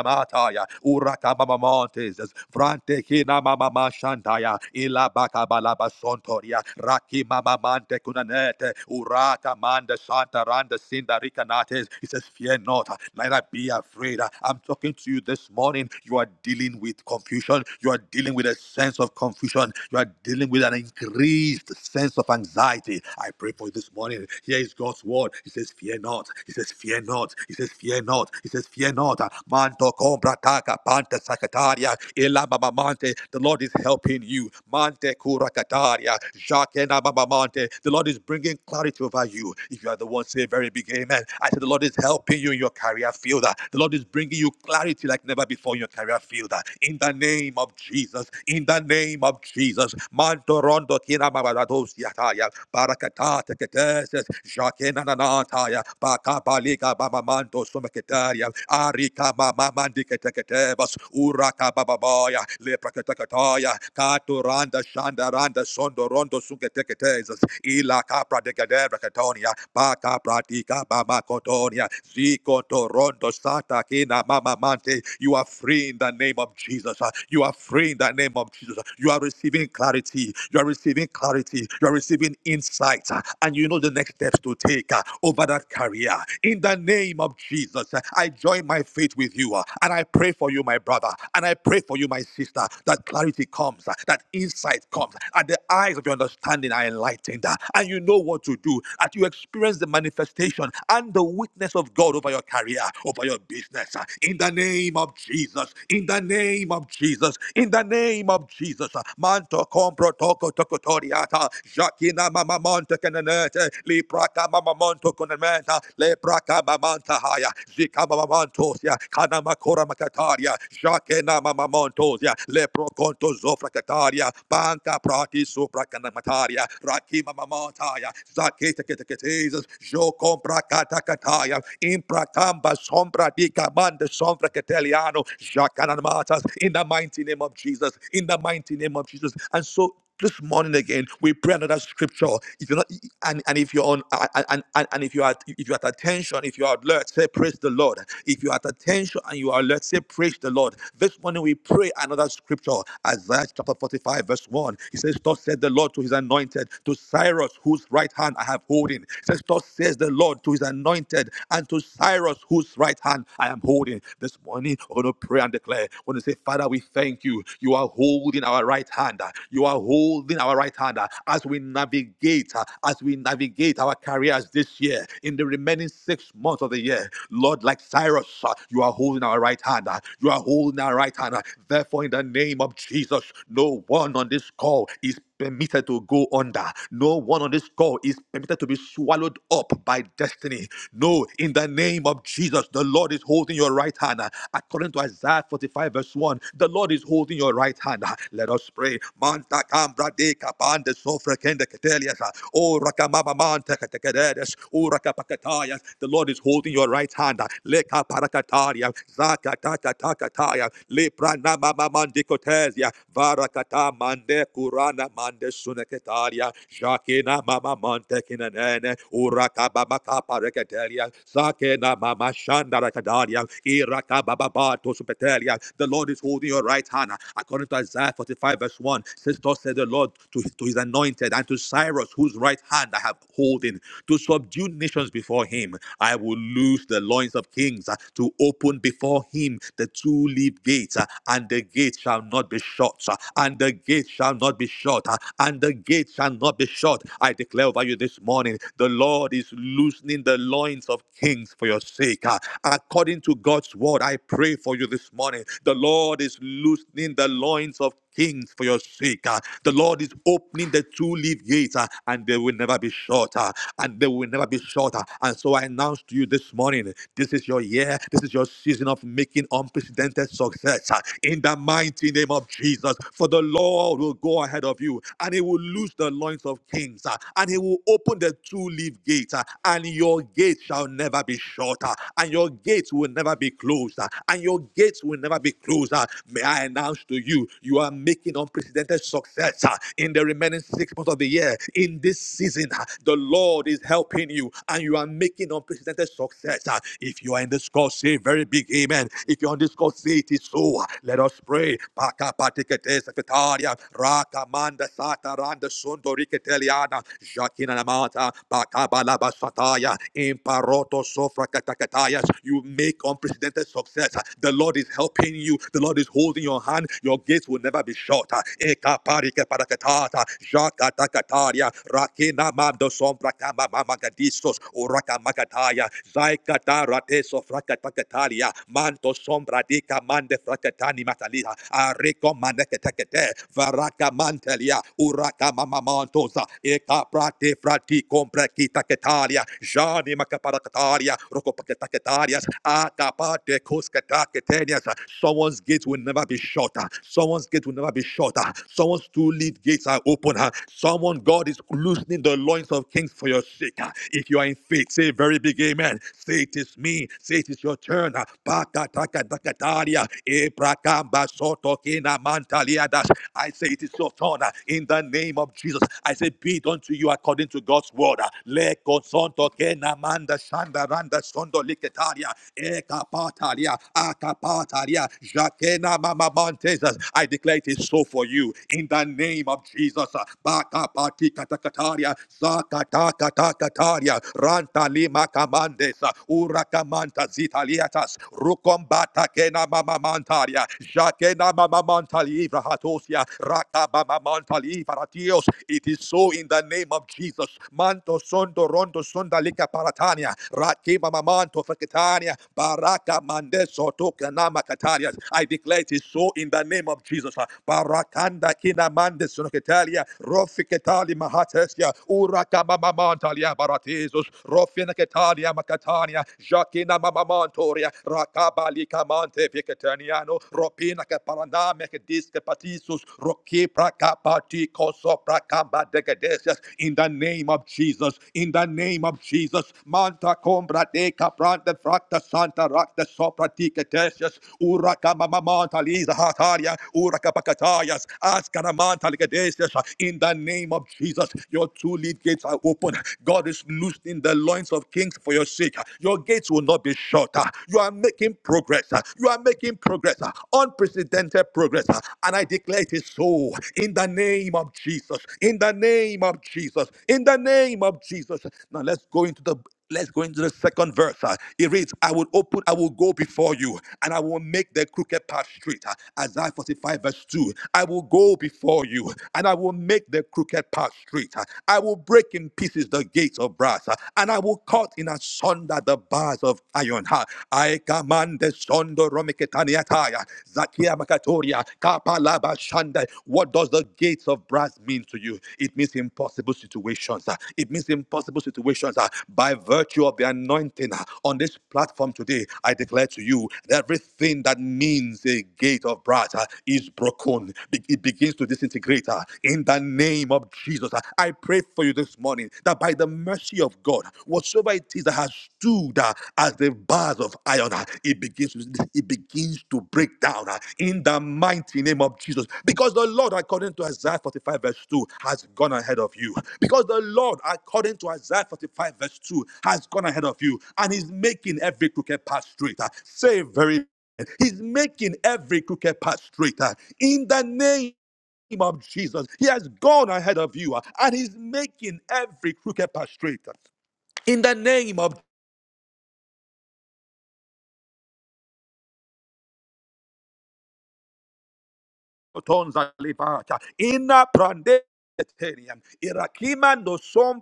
Speaker 2: Kurata Mama Montes, Frante Kina Mama Mashantaya, Ilabaka Balaba Sontoria, Raki Mama Mante Kunanete, Urata Manda Santa Randa Sinda Ricanates. He says, Fear not, neither be afraid. I'm talking to you this morning. You are dealing with confusion. You are dealing with a sense of confusion. You are dealing with an increased sense of anxiety. I pray for you this morning. Here is God's word. He says, Fear not. He says, Fear not. He says, Fear not. He says, Fear not. Manto Kombrataka Panta Sakataria Ela baba Mante. The Lord is helping you. Mante Kurakataria Jakena Baba Mante. The Lord is bringing clarity over you. If you are the one, say a very big amen. I said, The Lord is helping you in your career field. The Lord is bringing you clarity like never before in your career field. In the name of Jesus. In the name of Jesus. Manto Rondo Kina Babarados Yataya. Barakatata Ketesis. Jakena Nanataya. Bakabalika Babamanto Sumaketaria. Ari Lika mama mandiketeketebas. Uraka bababaya. Lepraketekataya. Katuranda shandaranda sondorondo sungeteketezas. Ila capra de cadera catonia. Paca pratica mama kotonia Zico torondo sata kina mama mante. You are free in the name of Jesus. You are free in the name of Jesus. You are receiving clarity. You are receiving clarity. You are receiving insight. And you know the next steps to take uh, over that career. In the name of Jesus. I join my faith with you uh, and I pray for you, my brother, and I pray for you, my sister, that clarity comes, uh, that insight comes, and the eyes of your understanding are enlightened, uh, and you know what to do, that you experience the manifestation and the witness of God over your career, over your business. uh, In the name of Jesus, in the name of Jesus, in the name of Jesus. uh, Manto compro toco toco toriata, Jacquina mama monte cananete, Lipraca mama monto conamenta, Lepraca Katahaya, Zikamamantosia, Kanamakora Makataria, Shakena Mamamontosia, Leproconto Zofracataria, Banca Prati Supracanamataria, Rakima Mamontaya, Zaketa Ketaketes, Jo Compra Katakataya, Impracamba Sombra di Camanda Sombra Cateliano, Jacanamatas, in the mighty name of Jesus, in the mighty name of Jesus. And so this morning again we pray another scripture if you're not e, e, and, and if you're on and, and, and if you are if you're at attention if you're alert say praise the lord if you're at attention and you are alert say praise the lord this morning we pray another scripture isaiah chapter 45 verse 1 he says thus said the lord to his anointed to cyrus whose right hand i have holding he says thus says the lord to his anointed and to cyrus whose right hand i am holding this morning we're going to pray and declare we're going to say father we thank you you are holding our right hand You you are holding our right hand uh, as we navigate, uh, as we navigate our careers this year in the remaining six months of the year. Lord, like Cyrus, uh, you are holding our right hand. uh, You are holding our right hand. uh, Therefore, in the name of Jesus, no one on this call is permitted to go under. No one on this call is permitted to be swallowed up by destiny. No, in the name of Jesus, the Lord is holding your right hand. According to Isaiah 45, verse 1, the Lord is holding your right hand. Let us pray. Manta cambra de capande sofra kende ketelias. O rakamaba manta ketekedes. O rakapakatayas. The Lord is holding your right hand. Leka parakataria. Zaka taka taka taya. Lepra nama mamandikotesia kata mande kurana mande suneketaria shakina mama mante kinanene uraka baba kapa reketeria sakena mama shanda rekadaria iraka baba bato supeteria the Lord is holding your right hand according to Isaiah 45 verse 1 says thus said the Lord to, to his anointed and to Cyrus whose right hand I have holding to subdue nations before him I will loose the loins of kings uh, to open before him the two leaf gates uh, and the gates gate shall not be shut, uh, and the gate shall not be shut, uh, and the gate shall not be shut. I declare over you this morning, the Lord is loosening the loins of kings for your sake. uh, According to God's word, I pray for you this morning. The Lord is loosening the loins of kings for your sake. uh, The Lord is opening the two leaf gates, uh, and they will never be shorter, and they will never be shorter. And so I announce to you this morning, this is your year, this is your season of making unprecedented unprecedented success uh, in the mighty name of Jesus. For the Lord will go ahead of you and he will loose the loins of kings uh, and he will open the two leaf gates uh, and your gate shall never be shut uh, and your gates will never be closed uh, and your gates will never be closed. uh. May I announce to you, you are making unprecedented success uh, in the remaining six months of the year. In this season, uh, the Lord is helping you and you are making unprecedented success. uh. If you are in this call, say a very big amen. If you're on this call, say it is so. Let us pray. Baka patikete sekataria, raka manda sata randa sundo riketeliana, jakina namata, baka balaba sataya, imparoto sofra katakatayas. You make unprecedented success. The Lord is helping you. The Lord is holding your hand. Your gates will never be shut. Eka parike parakatata, jakata kataria, rakina mando sombra kama mama gadistos, uraka makataya, Ai katara te Manto sombra di kamande frakatani matalia. Ariko manekatekete. Varaka mantelia. Uraka mama mantosa. prati frati compre kitaketalia. Jani makaparakatalia. Rokopaketaketalias. Akapate kuskataketenias. Someone's gates will never be shut. Someone's gate will never be shut. Someone's two lead gates are open. Someone, God is loosening the loins of kings for your sake. If you are in blind faith. Say a very big amen. Say it is me. Say it is your turn. Ah, baka Ebrakamba soto kina mantaliadas. I say it is your turn ah, in the name of Jesus. I say be it unto you according to God's word. ah. Le consonto kena manda shanda randa sondo liketaria. Ekapataria. Akapataria. Jakena mama montezas. I declare it is so for you in the name of Jesus. ah. Baka pati Matatatataria, Rantalima Camandes, Uracamantas Italiatas, Rucombata Kena Mama Mantaria, Jaquena Mama Mantalivra Hatosia, Rakabama Mantalivra Ratios. It is so in the name of Jesus. Manto Sondo Rondo Sondalika Paratania, Rakima Mamanto Fakitania, Baraka Mandeso Tokanama Katarias. I declare it is so in the name of Jesus. Barakanda Kina Mandes Sonoketalia, Rali Mahatesia, Uraka Mamamantalia Baratizus, Rofina Catania Macatania, Jacquina Mamamantoria, Rakabali Camante Vicataniano, Ropina Caparandame Disca Patisus, Roki Prakapati Kosopra Kamba Decadesias, in the name of Jesus, in the name of Jesus, Manta Combra de Caprante Fracta Santa Racta Sopra Dicatesias, Uraka Mamamantaliza Hataria, Uraka Pacatayas, Ascanamanta in the name of Jesus, your two lead gates are open. God is loosening the loins of kings for your sake. Your gates will not be shut. You are making progress. You are making progress. Unprecedented progress. And I declare it is so. In the name of Jesus. In the name of Jesus. In the name of Jesus. Now let's go into the Let's go into the second verse. Uh, It reads, I will open, I will go before you, and I will make the crooked path straight. Uh, Isaiah 45, verse 2. I will go before you, and I will make the crooked path straight. Uh, I will break in pieces the gates of brass, uh, and I will cut in asunder the bars of iron. Uh, I command the sondo romiketaniataya, Rakatoria, Kapalaba Shanda. What does the gates of brass mean to you? It means impossible situations. ah. It means impossible situations. ah. By virtue of the anointing ah, on this platform today, I declare to you that everything that means a gate of brass ah, is broken. Be- It begins to disintegrate ah. in the name of Jesus. ah. I pray for you this morning that by the mercy of God, whatsoever it is that has stood uh, as the bars of iron. uh, It begins, to- it begins to break down uh, in the mighty name of Jesus. Because the Lord, according to Isaiah 45, verse 2, has gone ahead of you. Because the Lord, according to Isaiah 45, verse 2, has gone ahead of you and is making every crooked path straight. uh, Say very He's making every crooked path straighter in the name name of Jesus. He has gone ahead of you uh, and he's making every crooked path straighter. In the name of Tonza libata. Ina prande terian. Irakima no som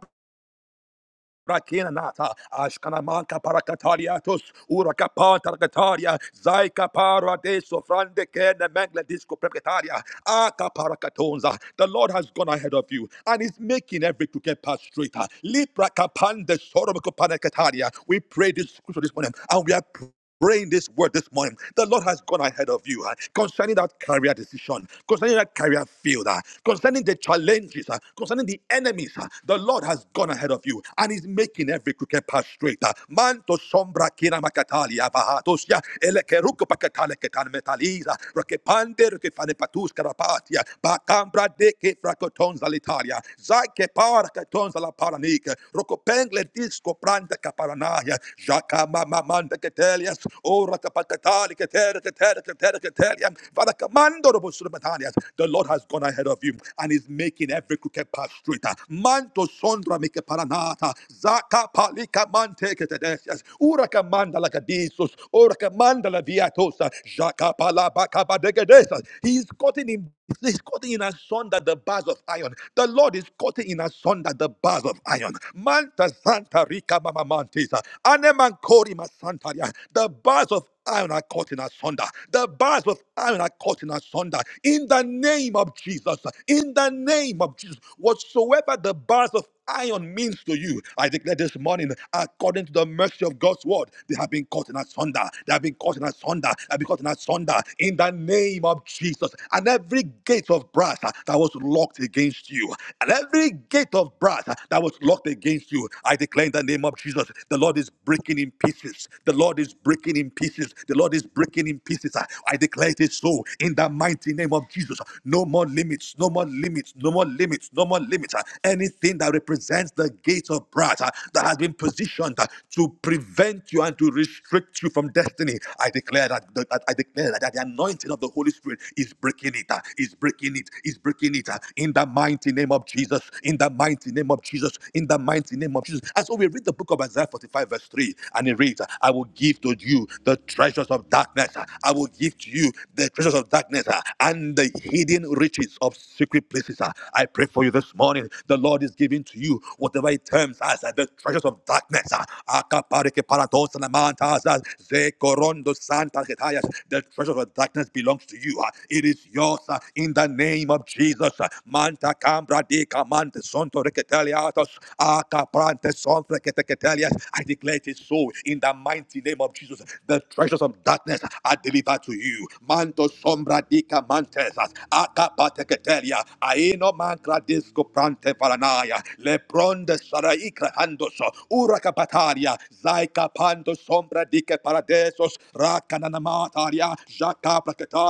Speaker 2: prakina nata. Ashkanamanka parakatariatos. Urakapa targataria. Zaika para de sofrande kene mengle disco precataria. Aka parakatonza. The Lord has gone ahead of you and is making every crooked path straighter. Lipra kapande sorobako parakataria. We pray this scripture this morning and we are Praying this word this morning, the Lord has gone ahead of you uh, concerning that career decision, concerning that career field, uh, concerning the challenges, uh, concerning the enemies. uh, the Lord has gone ahead of you and He's making every crooked path straight. Uh, man to sombra kina makatali abahatosia elekeruko pakatale ketan metaliza rakepande rakefane patus karapatia bakambra deke frakotons alitalia zake para katons ala paranika rokopengle disco branda kaparanaya jaka Katelias, Ora Kapakatali Katera Katera Katera Kateliam, Father Commando Robosumatanias. The Lord has gone ahead of you and is making every crooked path straighter. Manto Sondra Mike Paranata, Zaka Palika Mante Katedesias, Ura Kamanda Lacadisus, Ora Kamanda La Viatosa, Jaka Palabaka Badegedesas. He's gotten him He's cutting in asunder the bars of iron. The Lord is cutting in asunder the bars of iron. Manta Santa Rica Mama Mantisa. Aneman Kori Masantaria. The bars of iron are caught in asunder. The bars of iron are caught in asunder. In the name of Jesus. In the name of Jesus. Whatsoever the bars of iron means to you, I declare this morning, according to the mercy of God's word, they have been cut in asunder. They have been cut in asunder. They have been cut in asunder. In the name of Jesus and every gate of brass uh, that was locked against you, and every gate of brass uh, that was locked against you, I declare in the name of Jesus, the Lord is breaking in pieces. The Lord is breaking in pieces. The Lord is breaking in pieces. Uh, I declare it is so in the mighty name of Jesus. No more limits, no more limits, no more limits, no more limits. Uh, Anything that represents the gate of brass uh, that has been positioned uh, to prevent you and to restrict you from destiny, I declare that, that- I declare that the anointing of the Holy Spirit is He's breaking it. uh, He's breaking it. He's breaking it. uh, In the mighty name of Jesus. In the mighty name of Jesus. In the mighty name of Jesus. And so we read the book of Isaiah 45, verse 3, and it reads, I will give to you the treasures of darkness. uh, I will give to you the treasures of darkness uh, and the hidden riches of secret places. uh. I pray for you this morning. The Lord is giving to you whatever it terms as uh, the treasures of darkness. uh. Akapareke parados na mantas, uh, zekorondo santa ketayas. The treasures of darkness belongs to you you. uh, It is yours uh, in the name of Jesus. uh, Manta cambra de camante sonto receteliatos. Aka prante son frecetecetelias. I declare it is so in the mighty name of Jesus. The treasures of darkness are delivered to you. Manto sombra de camantes. Aka pateketelia. Aeno mancra disco prante paranaya. Lepronde saraikra handos. Uraka bataria. Zaika pando sombra de que paradesos. Rakananamataria.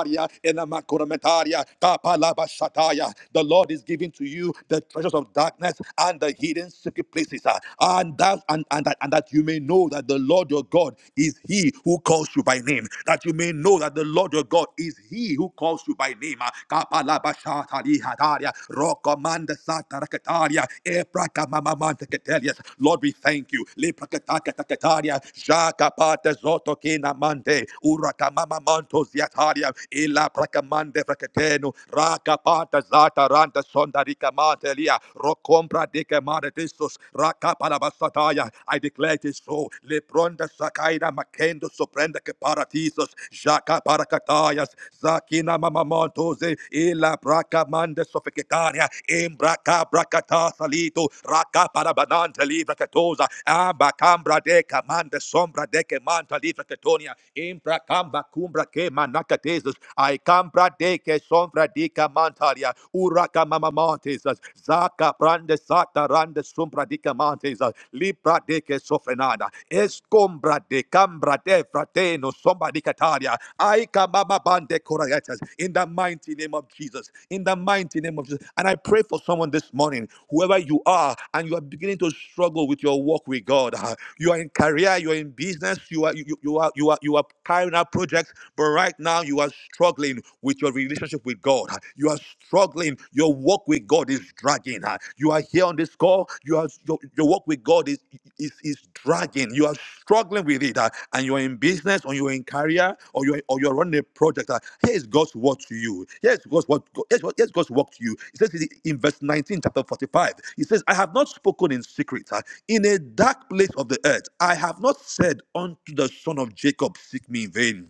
Speaker 2: Metaria, Ena Makura Kapalaba Shataya. The Lord is giving to you the treasures of darkness and the hidden secret places, ah, and that and, and that and that you may know that the Lord your God is He who calls you by name. That you may know that the Lord your God is He who calls you by name. ah. Kapalaba Shatari Hataria, Rokomanda Satarakataria, Eprakamamamanteketelias. Lord, we thank you. Leprakatakatakataria, Jakapate Zoto Mante, Urakamamamantos Taria, Ila Bracamande Bracateno, Raka pata Zata Randa Sonda Rica Mantelia, Rocombra de Camaretisus, Rakaparabasataya. I declare it is so. Lebronda Sakaina Makendo Soprenda Caparatisus, Jaca Paracatayas, Zakina Mamamontoze, Ila Bracamande Sofecetaria, Embraca Bracata Salito, Rakaparabanante Livra Catosa, Amba Cambra de Camande Sombra de Camanta Livra Catonia, Imbra Camba Cumbra Cam de manakatesus. I come pradeke sombra dika mantaria. Uraka mamamantesus. Zaka prande sata rande sombra dika mantesus. Libra deke sofrenada. Escombra de cambra de frateno sombra dicataria. I mama bande korayatas. In the mighty name of Jesus. In the mighty name of Jesus. And I pray for someone this morning, whoever you are, and you are beginning to struggle with your walk with God. You are in career, you are in business, you are you you are you are you are carrying out projects but right now, you are struggling with your relationship with God. You are struggling. Your walk with God is dragging. You are here on this call. You are your, your walk with God is, is is dragging. You are struggling with it, uh, and you are in business, or you are in career, or you are, or you are running a project. Uh, Here is God's word to you. Yes, God's word. God- Here's, what. Here's God's word to you. It says in in verse 19, chapter 45. It says, "I have not spoken in secret uh, in a dark place of the earth. I have not said unto the son of Jacob, seek me in vain."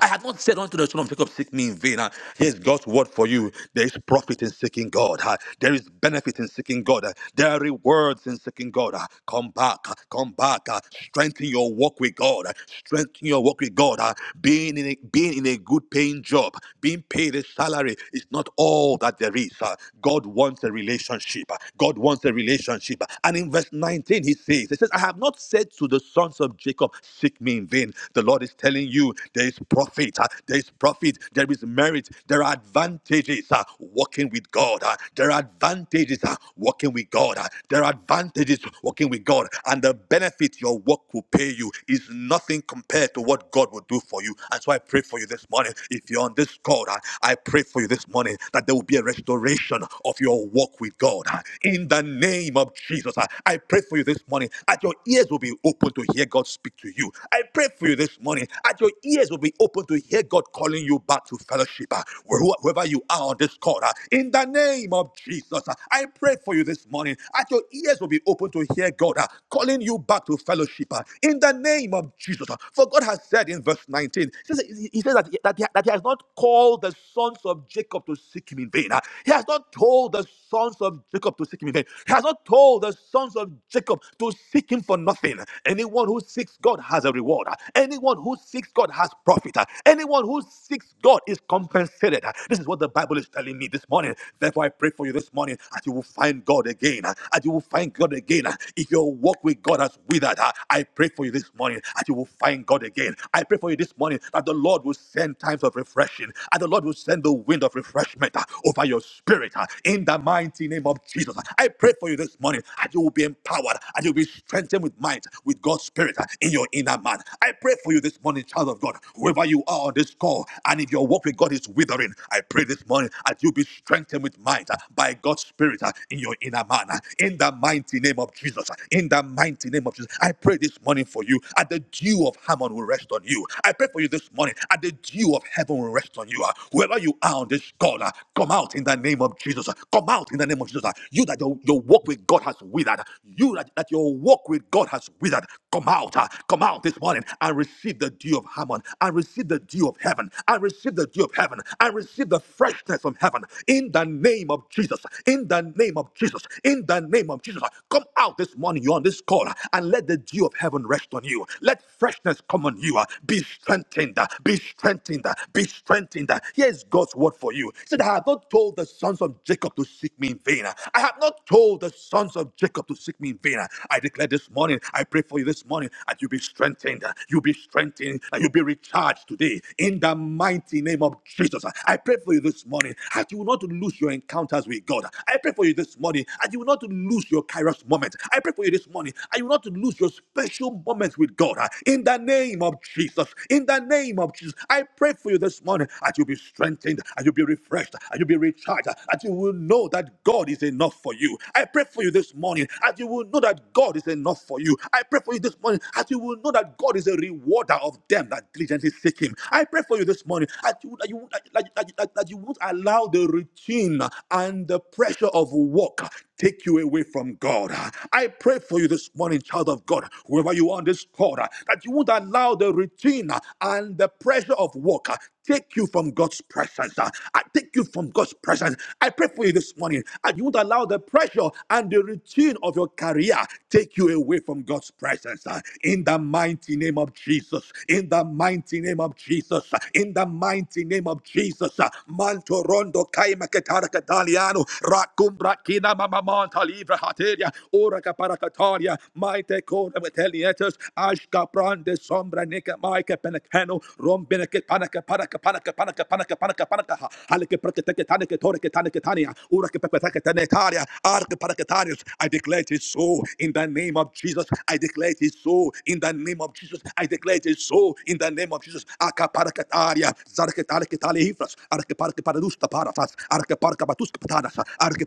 Speaker 2: I have not said unto the children of Jacob, seek me in vain. Ah, Here's God's word for you. There is profit in seeking God. Ah, There is benefit in seeking God. Ah, There are rewards in seeking God. Ah, Come back, ah, come back. ah, Strengthen your walk with God. Ah, Strengthen your walk with God. Ah, Being in a, being in a good paying job, being paid a salary is not all that there is. Ah, God wants a relationship. Ah, God wants a relationship. Ah, And in verse 19, he says, he says, I have not said to the sons of Jacob, seek me in vain. The Lord is telling you there is profit, uh, there is profit, there is merit, there are advantages uh, walking with God. uh, There are advantages uh, walking with God. uh, There are advantages walking with God. And the benefit your work will pay you is nothing compared to what God will do for you. And so I pray for you this morning. If you're on this call, uh, I pray for you this morning that there will be a restoration of your walk with God. uh, In the name of Jesus, uh, I pray for you this morning that your ears will be open to hear God's. God speak to you. I pray for you this morning that your ears will be open to hear God calling you back to fellowship, uh, where- wherever you are on this call. uh, In the name of Jesus, uh, I pray for you this morning that your ears will be open to hear God uh, calling you back to fellowship. uh, In the name of Jesus, uh, for God has said in verse 19, he says, he he says that, he, that, he, that He has not called the sons of Jacob to seek Him in vain. uh, He has not told the sons of Jacob to seek Him in vain. He has not told the sons of Jacob to seek seeking for nothing. Anyone who seeks God has a reward. Anyone who seeks God has profit. Anyone who seeks God is compensated. This is what the Bible is telling me this morning. Therefore, I pray for you this morning as you will find God again. As you will find God again. If your walk with God has withered, I pray for you this morning as you will find God again. I pray for you this morning that the Lord will send times of refreshing and the Lord will send the wind of refreshment over your spirit in the mighty name of Jesus. I pray for you this morning as you and you will be empowered and you'll be strengthened with might, with God's Spirit in your inner man. I pray for you this morning, child of God, whoever you are on this call, and if your walk with God is withering, I pray this morning that you'll be strengthened with might by God's Spirit in your inner man. In the mighty name of Jesus, in the mighty name of Jesus, I pray this morning for you that the dew of Hammon will rest on you. I pray for you this morning that the dew of heaven will rest on you. Whoever you are on this call, come out in the name of Jesus. Come out in the name of Jesus. You that your, your walk with God has withered. You that, that your walk with God has withered. Come out. ah, Come out this morning and receive the dew of Hammon. And receive the dew of heaven. And receive the dew of heaven. And receive the freshness from heaven. In the name of Jesus. In the name of Jesus. In the name of Jesus. Come out this morning. You're on this call uh, and let the dew of heaven rest on you. Let freshness come on you. uh, Be strengthened. uh, Be strengthened. uh, Be strengthened. uh. Here's God's word for you. He said, I have not told the sons of of Jacob to seek me in vain. I have not told the sons of Jacob to seek me in vain. I declare this morning, I pray for you this morning that you be strengthened, you be strengthened, and you be recharged today in the mighty name of Jesus. I pray for you this morning that you will not lose your encounters with God. I pray for you this morning that you will not lose your kairos moment. I pray for you this morning that you will not lose your special moment with God in the name of Jesus. In the name of Jesus, I pray for you this morning that you be strengthened, and you be refreshed refreshed and you'll be recharged and you will know that God is enough for you. I pray for you this morning as you will know that God is enough for you. I pray for you this morning as you will know that God is a rewarder of them that diligently seek Him. I pray for you this morning that you, that you, that, that, that, that you won't allow the routine and the pressure of work take you away from God. I pray for you this morning, child of God, whoever you are on this call, that you won't allow the routine and the pressure of work take you from God's presence. I take you from God's presence. I pray for you this morning, and you won't allow the pressure and the routine of your career take you away from God's presence. In the mighty name of Jesus, in the mighty name of Jesus, in the mighty name of Jesus, Mantorondo Kaimaketara Kataliano, rakumbra ki Kina mama monta livra hateria. Ora caparacataria. Maite cora metelietas. Ashka prande sombra nica maica penecano. Rombeneca panaca panaca panaca panaca panaca panaca panaca. Halike prakatekatanike toreketaniketania. Ura kepepetaketanetaria. Arke paraketarius. I declare it is so in the name of Jesus. I declare it is so in the name of Jesus. I declare it is so in the name of Jesus. Akaparakataria. Zarketariketali hifras. Arke parke paradusta parafas. Arke parka batuska patanas.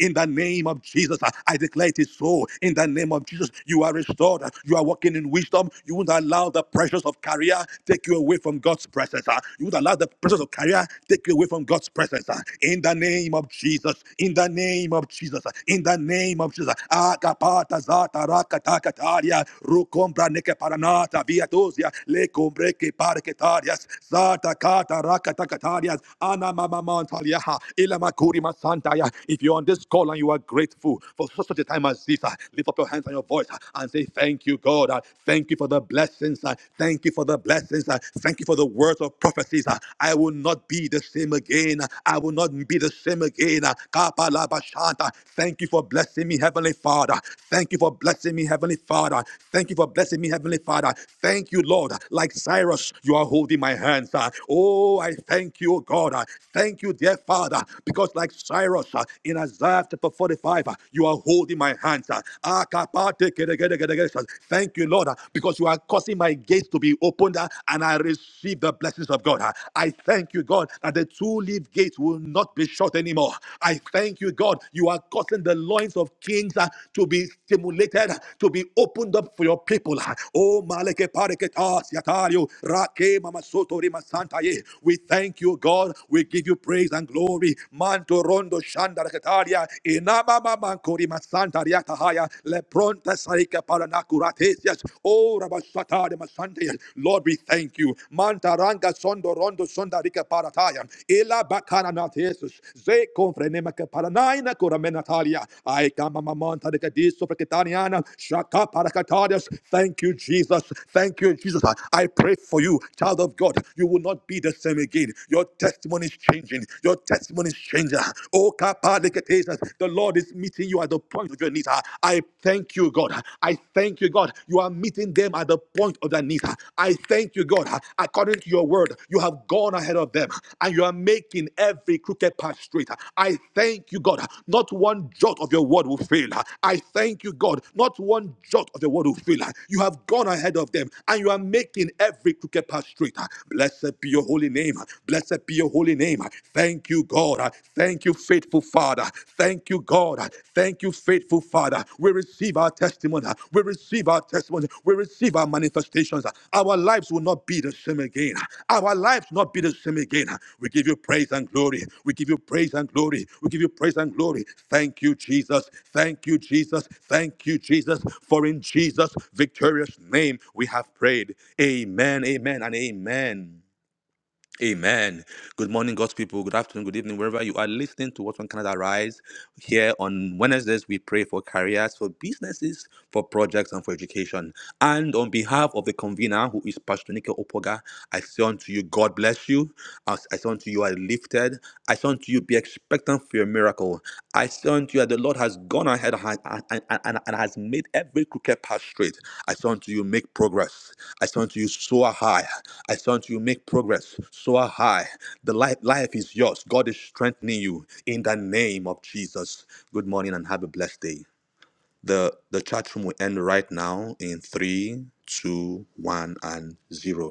Speaker 2: In the name of Jesus, I declare it is so. In the name of Jesus, you are restored. You are walking in wisdom. You won't allow the pressures of career take you away from God's presence. You won't allow the pressures of career take you away from God's presence. In the name of Jesus. In the name of Jesus. In the name of Jesus. Akapata zata rakatakataria rukombra neke paranata viatosia le kombre ke zata kata rakatakatarias Ana mama mantalia ha, ila makuri masantaya. If you're on this call and you are grateful for such a time as this, uh, lift up your hands and your voice uh, and say, Thank you, God. uh, Thank you for the blessings. uh, Thank you for the blessings. uh, Thank you for the words of prophecies. uh, I will not be the same again. uh, I will not be the same again. Kapala bashanta. Thank you for blessing me, Heavenly Father. Thank you for blessing me, Heavenly Father. Thank you for blessing me, Heavenly Father. Thank you, Lord. Like Cyrus, you are holding my hands. uh, Oh, I thank you, God. Uh, Thank you, dear Father, because like Cyrus uh, in Isaiah chapter 45, uh, you are holding my hands. uh. uh, Thank you, Lord, uh, because you are causing my gates to be opened uh, and I receive the blessings of God. uh. I thank you, God, that the two leaf gates will not be shut anymore. I thank you, God, you are causing the loins of kings uh, to be stimulated, uh, to be opened up for your people. uh. Oh, Maleke Pareke Tas Yatario, Rake Mama Soto Rima We thank Thank you, God. We give you praise and glory. Manto rondo shanda rakataria. Inama mama kori masanta riakahaya. Lepronta sarika paranakurates. Oh, rabasata de masante. Lord, we thank you. Manta ranga sondo rondo sonda rika parataya. Ela bakana natesus. Ze confrenema ke paranaina kuramenatalia. I kama mamanta rekadiso preketaniana. Shaka parakatarias. Thank you, Jesus. Thank you, Jesus. I pray for you, child of God. You will not be the same them again. Your testimony is changing. Your testimony is changing. Oh, kapadeketes, the Lord is meeting you at the point of your needs. I thank you, God. I thank you, God. You are meeting them at the point of their needs. I thank you, God. According to your word, you have gone ahead of them and you are making every crooked path straight. I thank you, God. Not one jot of your word will fail. I thank you, God. Not one jot of the word will fail. You have gone ahead of them and you are making every crooked path straight. Blessed be your your holy name. Blessed be your holy name. Thank you, God. Thank you, faithful Father. Thank you, God. Thank you, faithful Father. We receive our testimony. We receive our testimony. We receive our manifestations. Our lives will not be the same again. Our lives will not be the same again. We give you praise and glory. We give you praise and glory. We give you praise and glory. Thank you, Jesus. Thank you, Jesus. Thank you, Jesus. For in Jesus' victorious name we have prayed. Amen, amen, and amen. Amen. Good morning, God's people. Good afternoon, good evening, wherever you are listening to What's on Canada Rise. Here on Wednesdays, we pray for careers, for businesses, for projects, and for education. And on behalf of the convener, who is Pastor Nike Opoga, I say unto you, God bless you. I I say unto you, are lifted. I say unto you, be expectant expectant for your miracle. I say unto you that the Lord has gone ahead and, and, and, and has made every crooked path straight. I say unto you, make progress. I say unto you, soar high. I say unto you, make progress, soar high. The life, life is yours. God is strengthening you in the name of Jesus. Good morning and have a blessed day. The the chat room will end right now in three, two, one, and zero.